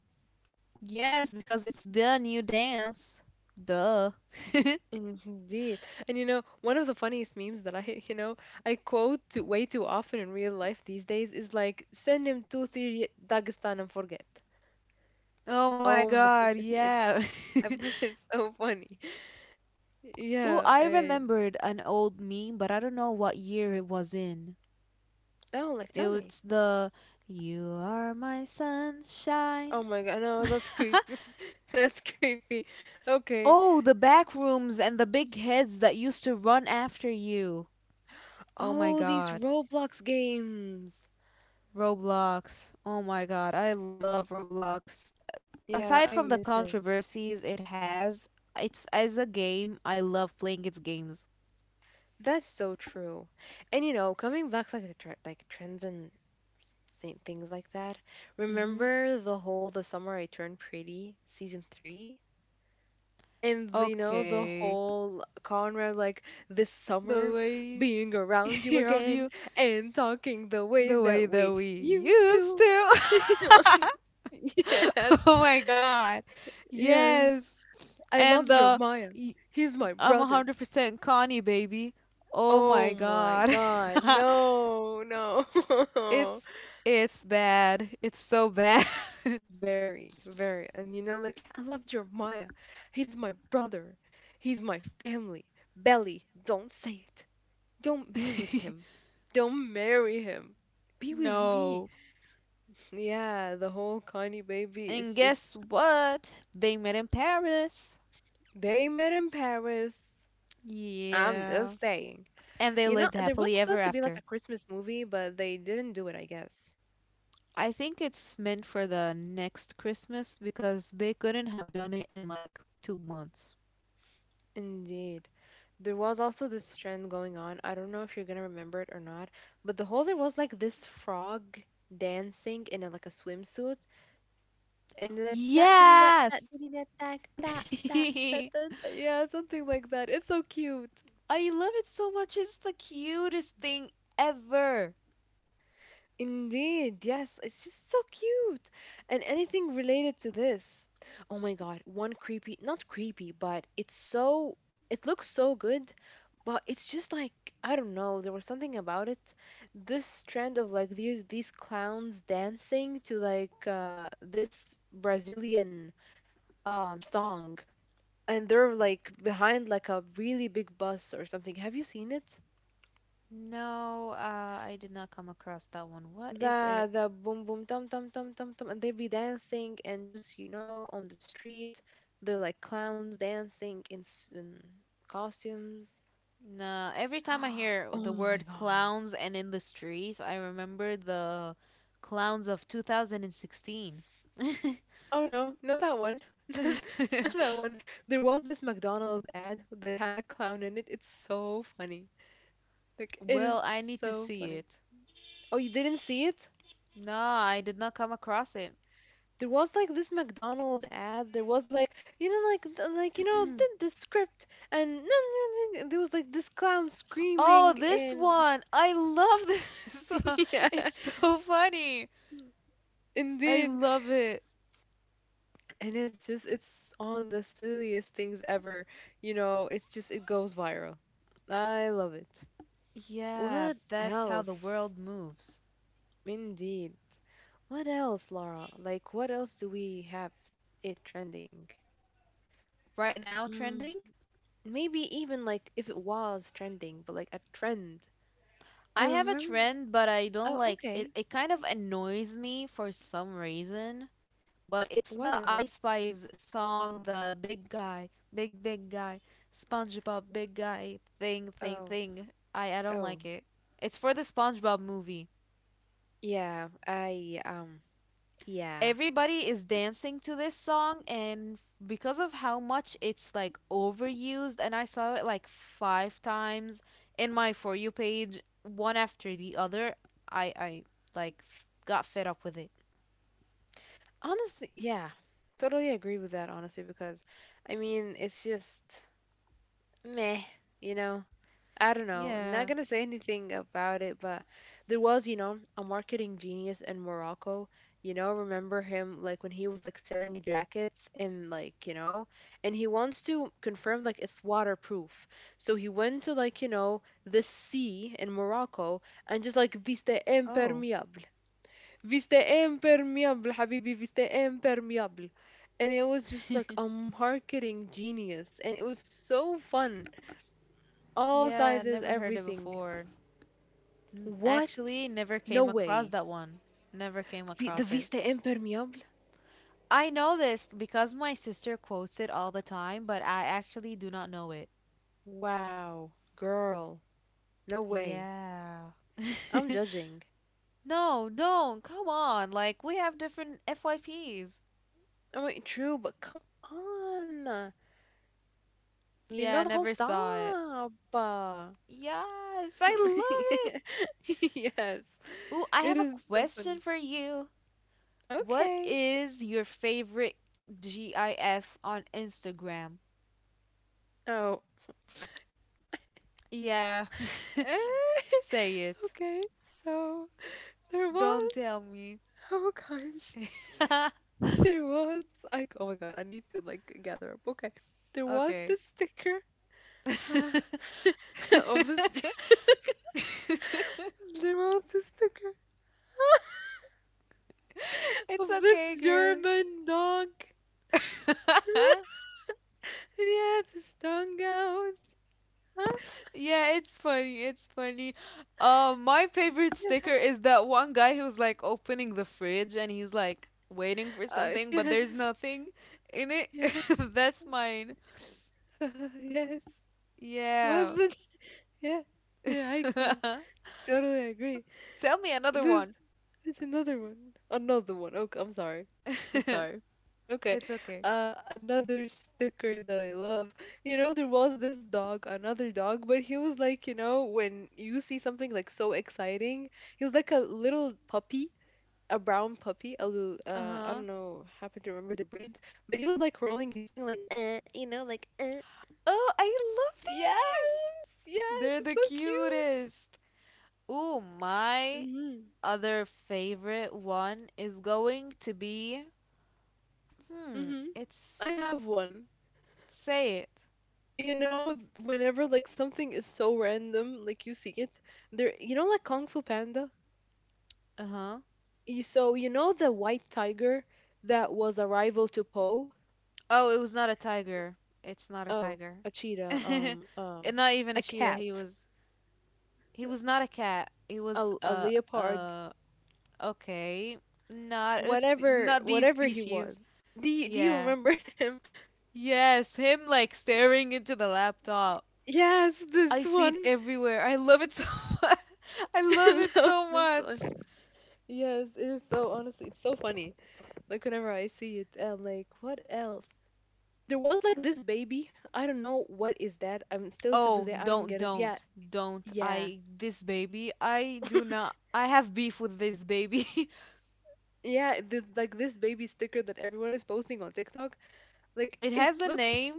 Speaker 2: Yes, because it's the new dance. Duh.
Speaker 1: Indeed. And you know, one of the funniest memes that I, I quote to way too often in real life these days is like, send him to the Dagestan and forget.
Speaker 2: Oh my
Speaker 1: Oh my
Speaker 2: god,
Speaker 1: it's
Speaker 2: yeah.
Speaker 1: I bet it's so funny.
Speaker 2: Ooh,
Speaker 1: Yeah,
Speaker 2: I
Speaker 1: and
Speaker 2: remembered an old meme, but I don't know what year it was in.
Speaker 1: oh, like
Speaker 2: It
Speaker 1: tell me.
Speaker 2: was the "You are my sunshine."
Speaker 1: Oh my god, no, that's creepy. That's creepy. Okay.
Speaker 2: Oh, the back rooms and the big heads that used to run after you. Oh my
Speaker 1: Oh, these
Speaker 2: god.
Speaker 1: Roblox games.
Speaker 2: Roblox. Oh my god, I love Roblox.
Speaker 1: Yeah,
Speaker 2: Aside
Speaker 1: I
Speaker 2: from the
Speaker 1: miss it.
Speaker 2: controversies it has, it's as a game, I love playing its games.
Speaker 1: That's so true. And you know, coming back like the tre- like trends and sa- things like that.
Speaker 2: Mhm.
Speaker 1: Remember the whole The Summer I Turned Pretty season 3? And you know, the
Speaker 2: Okay.
Speaker 1: whole Conrad like this
Speaker 2: The
Speaker 1: summer
Speaker 2: way
Speaker 1: being around you
Speaker 2: around
Speaker 1: again
Speaker 2: you,
Speaker 1: and talking the way
Speaker 2: the way
Speaker 1: that
Speaker 2: that
Speaker 1: we
Speaker 2: we
Speaker 1: used
Speaker 2: used
Speaker 1: to.
Speaker 2: to.
Speaker 1: Yes.
Speaker 2: Oh my god.
Speaker 1: Yes.
Speaker 2: Yes.
Speaker 1: I
Speaker 2: And
Speaker 1: love Jeremiah.
Speaker 2: y-
Speaker 1: He's my
Speaker 2: I'm
Speaker 1: brother.
Speaker 2: 100% Connie baby. Oh
Speaker 1: Oh
Speaker 2: my
Speaker 1: my
Speaker 2: god.
Speaker 1: god. No, no.
Speaker 2: it's it's bad. It's so bad.
Speaker 1: Very, very. And you know, like, I love Jeremiah. He's my brother. He's my family. Belly, don't say it. Don't be with him. Don't marry him. Be with me.
Speaker 2: No.
Speaker 1: Yeah, the whole Kanye baby
Speaker 2: And
Speaker 1: is just.
Speaker 2: guess what? They met in Paris.
Speaker 1: They met in Paris. I'm just
Speaker 2: Yeah.
Speaker 1: saying.
Speaker 2: And they
Speaker 1: You know,
Speaker 2: lived
Speaker 1: there was
Speaker 2: happily
Speaker 1: supposed
Speaker 2: ever
Speaker 1: to be like a
Speaker 2: after.
Speaker 1: Christmas movie, but they didn't do it, I guess.
Speaker 2: I think it's meant for the next Christmas because they couldn't have done it in like 2 months.
Speaker 1: Indeed. There was also this trend going on. I don't know if you're gonna remember it or not, but the whole there was like this frog dancing in a, like a swimsuit, and they're like that diddy that
Speaker 2: Yes!
Speaker 1: that diddy that that that that that
Speaker 2: I
Speaker 1: that that," yeah something like that. It's so cute.
Speaker 2: love it so much. It's the cutest thing ever.
Speaker 1: Indeed, yes, it's just so cute. And anything related to this. Oh my god, one creepy, not creepy, but it's so it looks so good but it's just like I don't know. There was something about it. This trend of like these clowns dancing to like this Brazilian song, and they're like behind like a really big bus or something. Have you seen it?
Speaker 2: No, I did not come across that one. What is
Speaker 1: The
Speaker 2: it?
Speaker 1: the boom boom tum tum tum tum tum, and they be dancing and just you know on the street, they're like clowns dancing in, s- in costumes.
Speaker 2: Nah. Every time I hear
Speaker 1: Oh
Speaker 2: the
Speaker 1: my
Speaker 2: word
Speaker 1: god!
Speaker 2: clowns and in the streets, I remember the clowns of 2016.
Speaker 1: Oh no, not that one. Not that one. There was this McDonald's ad that had a clown in it. It's so funny. Like it is
Speaker 2: Well, I need to
Speaker 1: so
Speaker 2: see
Speaker 1: funny.
Speaker 2: it.
Speaker 1: Oh, you didn't see it?
Speaker 2: No, I did not come across it.
Speaker 1: There was like this McDonald's ad. There was like you know like th- like you know the, the script and and there was like this clown
Speaker 2: Oh,
Speaker 1: screaming
Speaker 2: this
Speaker 1: and
Speaker 2: one! I love this one.
Speaker 1: yeah,
Speaker 2: It's so funny. I
Speaker 1: indeed.
Speaker 2: love it.
Speaker 1: And it's just it's on the silliest things ever. You know, it's just it goes viral. I love it.
Speaker 2: Yeah,
Speaker 1: What
Speaker 2: that's how the
Speaker 1: else?
Speaker 2: world moves.
Speaker 1: Indeed. What else, Laura? Like, what else do we have it trending?
Speaker 2: Right now,
Speaker 1: Mm,
Speaker 2: trending?
Speaker 1: maybe even like if it was trending, but like a trend. I
Speaker 2: I have a
Speaker 1: remember.
Speaker 2: trend, but I don't
Speaker 1: Oh,
Speaker 2: like it.
Speaker 1: okay.
Speaker 2: It kind of annoys me for some reason. But it's
Speaker 1: What
Speaker 2: the
Speaker 1: is
Speaker 2: I
Speaker 1: it?
Speaker 2: Spice song, the big guy, big, big guy, SpongeBob, big guy, thing, thing,
Speaker 1: Oh,
Speaker 2: thing. I don't
Speaker 1: oh,
Speaker 2: like it. It's for the SpongeBob movie.
Speaker 1: yeah. I yeah.
Speaker 2: Everybody is dancing to this song, and because of how much it's like overused and I saw it like 5 times in my for you page one after the other, I I got fed up with it.
Speaker 1: Honestly, yeah. Totally agree with that. Honestly, because I mean, it's just meh. You know, I don't know,
Speaker 2: Yeah.
Speaker 1: not gonna say anything about it, but there was, you know, a marketing genius in Morocco. You know, remember him like when he was like selling jackets and like, you know, and he wants to confirm like it's waterproof. So he went to like, you know, the sea in Morocco and just like viste
Speaker 2: Oh.
Speaker 1: impermeable. Viste impermeable, habibi, viste impermeable. And it was just like a marketing genius and it was so fun. All
Speaker 2: Yeah,
Speaker 1: sizes,
Speaker 2: never heard it
Speaker 1: everything.
Speaker 2: before.
Speaker 1: What?
Speaker 2: Actually, never
Speaker 1: No
Speaker 2: came across
Speaker 1: way.
Speaker 2: that one. Never came
Speaker 1: Vi- the
Speaker 2: across it.
Speaker 1: Vista Impermeable?
Speaker 2: I know this because my sister quotes it all the time, but I actually do not know it.
Speaker 1: Wow, girl. No way.
Speaker 2: Yeah.
Speaker 1: I'm judging.
Speaker 2: No, don't. Come on. Like, we have different FYPs.
Speaker 1: I mean, true, but come on. You know the
Speaker 2: Yeah,
Speaker 1: whole
Speaker 2: never
Speaker 1: stop.
Speaker 2: saw it.
Speaker 1: Uh,
Speaker 2: Yes, I love it.
Speaker 1: yes,
Speaker 2: Ooh, I
Speaker 1: it
Speaker 2: have a
Speaker 1: is so funny.
Speaker 2: question for you. What
Speaker 1: Okay.
Speaker 2: is your favorite GIF on Instagram?
Speaker 1: Oh.
Speaker 2: Yeah,
Speaker 1: Eh,
Speaker 2: say it.
Speaker 1: okay, so there
Speaker 2: Don't
Speaker 1: was.
Speaker 2: tell me.
Speaker 1: Oh gosh. There was like oh my god, I need to like gather up. Okay. There was
Speaker 2: Okay.
Speaker 1: this sticker of this there was this sticker
Speaker 2: It's
Speaker 1: of this
Speaker 2: okay, girl.
Speaker 1: German dog. And he has his tongue out. Huh?
Speaker 2: Yeah, it's funny. It's funny. My favorite
Speaker 1: Yeah.
Speaker 2: sticker is that one guy who's like opening the fridge and he's like waiting for something, but there's
Speaker 1: Yes,
Speaker 2: nothing in it.
Speaker 1: yeah,
Speaker 2: That's mine.
Speaker 1: yes. Was
Speaker 2: Yeah.
Speaker 1: the yeah, the icon.
Speaker 2: Tell
Speaker 1: Totally agree.
Speaker 2: me another
Speaker 1: This
Speaker 2: one.
Speaker 1: it's another one. Another one. Okay, I'm sorry. I'm sorry. Okay.
Speaker 2: It's okay.
Speaker 1: Another sticker that I love. You know, there was this dog, another dog, but he was like, you know, when you see something like so exciting, he was like a little puppy, a brown puppy, a little, I
Speaker 2: Uh-huh.
Speaker 1: don't know, happen to remember the breed, but he was like rolling his thing, like, you know, like.
Speaker 2: Oh, I love
Speaker 1: Yes,
Speaker 2: these.
Speaker 1: yes,
Speaker 2: They're
Speaker 1: it's so
Speaker 2: the
Speaker 1: cute.
Speaker 2: cutest. Ooh, my
Speaker 1: Mm-hmm.
Speaker 2: other favorite one is going to be,
Speaker 1: Mm-hmm. I
Speaker 2: it's,
Speaker 1: have one.
Speaker 2: say it.
Speaker 1: You know, whenever like something is so random, like you see it, there, you know, like Kung Fu Panda.
Speaker 2: Uh huh.
Speaker 1: You, so you know the white tiger that was a rival to Poe.
Speaker 2: Oh, it was not a tiger. It's not a
Speaker 1: Oh,
Speaker 2: tiger.
Speaker 1: a cheetah.
Speaker 2: And not even
Speaker 1: A
Speaker 2: a cheetah.
Speaker 1: cat,
Speaker 2: He was. He was not a cat. He was.
Speaker 1: a leopard,
Speaker 2: Okay. Not a spe-
Speaker 1: whatever,
Speaker 2: not these
Speaker 1: whatever he
Speaker 2: species.
Speaker 1: was. Do you
Speaker 2: Yeah.
Speaker 1: remember him?
Speaker 2: Yes. Him like staring into the laptop.
Speaker 1: Yes, this
Speaker 2: I see it
Speaker 1: one.
Speaker 2: everywhere. I love it so much. I love
Speaker 1: I
Speaker 2: it
Speaker 1: love
Speaker 2: so
Speaker 1: this one.
Speaker 2: much.
Speaker 1: Yes, it is so honestly, it's so funny. Like whenever I see it, and like what else? There was like this baby. I don't know what is that. I'm still to this day
Speaker 2: Oh,
Speaker 1: I don't get it. Yeah,
Speaker 2: don't, don't.
Speaker 1: yeah,
Speaker 2: I, this baby, I do not, I have beef with this baby.
Speaker 1: yeah. The, like this baby sticker that everyone is posting on TikTok. Like
Speaker 2: It
Speaker 1: it
Speaker 2: has a
Speaker 1: looks
Speaker 2: name.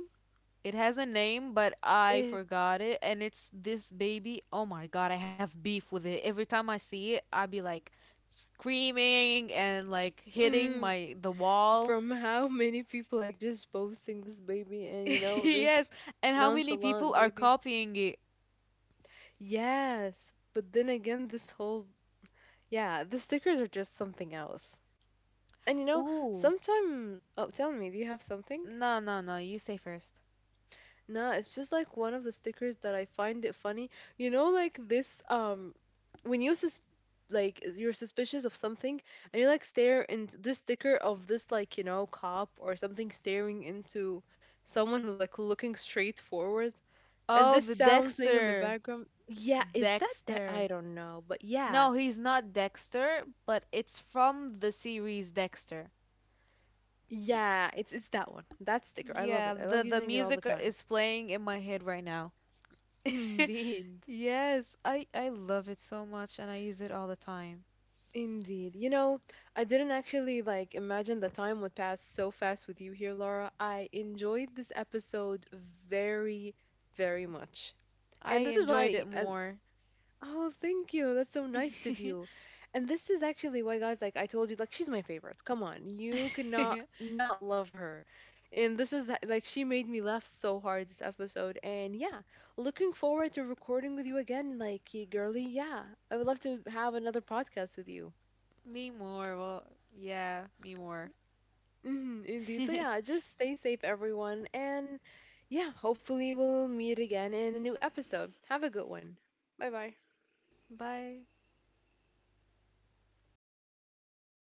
Speaker 2: It has a name, but I
Speaker 1: it
Speaker 2: forgot it. And it's this baby. Oh my god, I have beef with it. Every time I see it, I be like screaming and like hitting
Speaker 1: mm,
Speaker 2: my the wall.
Speaker 1: from how many people like just posting this baby and you know this
Speaker 2: Yes. And how many people
Speaker 1: nonchalant
Speaker 2: are
Speaker 1: baby.
Speaker 2: copying it?
Speaker 1: Yes, but then again, this whole yeah, the stickers are just something else. And you know,
Speaker 2: Ooh.
Speaker 1: sometime oh, tell me, do you have something?
Speaker 2: No, no, no. You say first.
Speaker 1: No, it's just like one of the stickers that I find it funny. You know, like this when you sus like is- you're suspicious of something and you like stare into this sticker of this like, you know, cop or something staring into someone who's like looking straight forward. And
Speaker 2: Oh,
Speaker 1: this
Speaker 2: the
Speaker 1: sound thing in the
Speaker 2: Dexter.
Speaker 1: background. Yeah, is that that
Speaker 2: Dexter.
Speaker 1: I don't know, but yeah.
Speaker 2: No, he's not Dexter, but it's from the series Dexter.
Speaker 1: Yeah, it's that one. That sticker. I love
Speaker 2: Yeah,
Speaker 1: it. I love
Speaker 2: the
Speaker 1: using it all the
Speaker 2: music
Speaker 1: time.
Speaker 2: is playing in my head right now.
Speaker 1: Indeed.
Speaker 2: Yes, I love it so much and I use it all the time.
Speaker 1: Indeed. You know, I didn't actually like imagine the time would pass so fast with you here, Laura. I enjoyed this episode very, very much.
Speaker 2: I
Speaker 1: And this is
Speaker 2: enjoyed
Speaker 1: why
Speaker 2: it more.
Speaker 1: oh, thank you. That's so nice of you. And this is actually why guys like I told you like she's my favorite. Come on. You cannot not love her. And this is like she made me laugh so hard this episode. And yeah, looking forward to recording with you again like y- girly. Yeah. I would love to have another podcast with you.
Speaker 2: Me more. Well, yeah, me more.
Speaker 1: Hmm, indeed. So yeah, just stay safe, everyone, and yeah, hopefully we'll meet again in a new episode. Have a good one. Bye bye.
Speaker 2: Bye.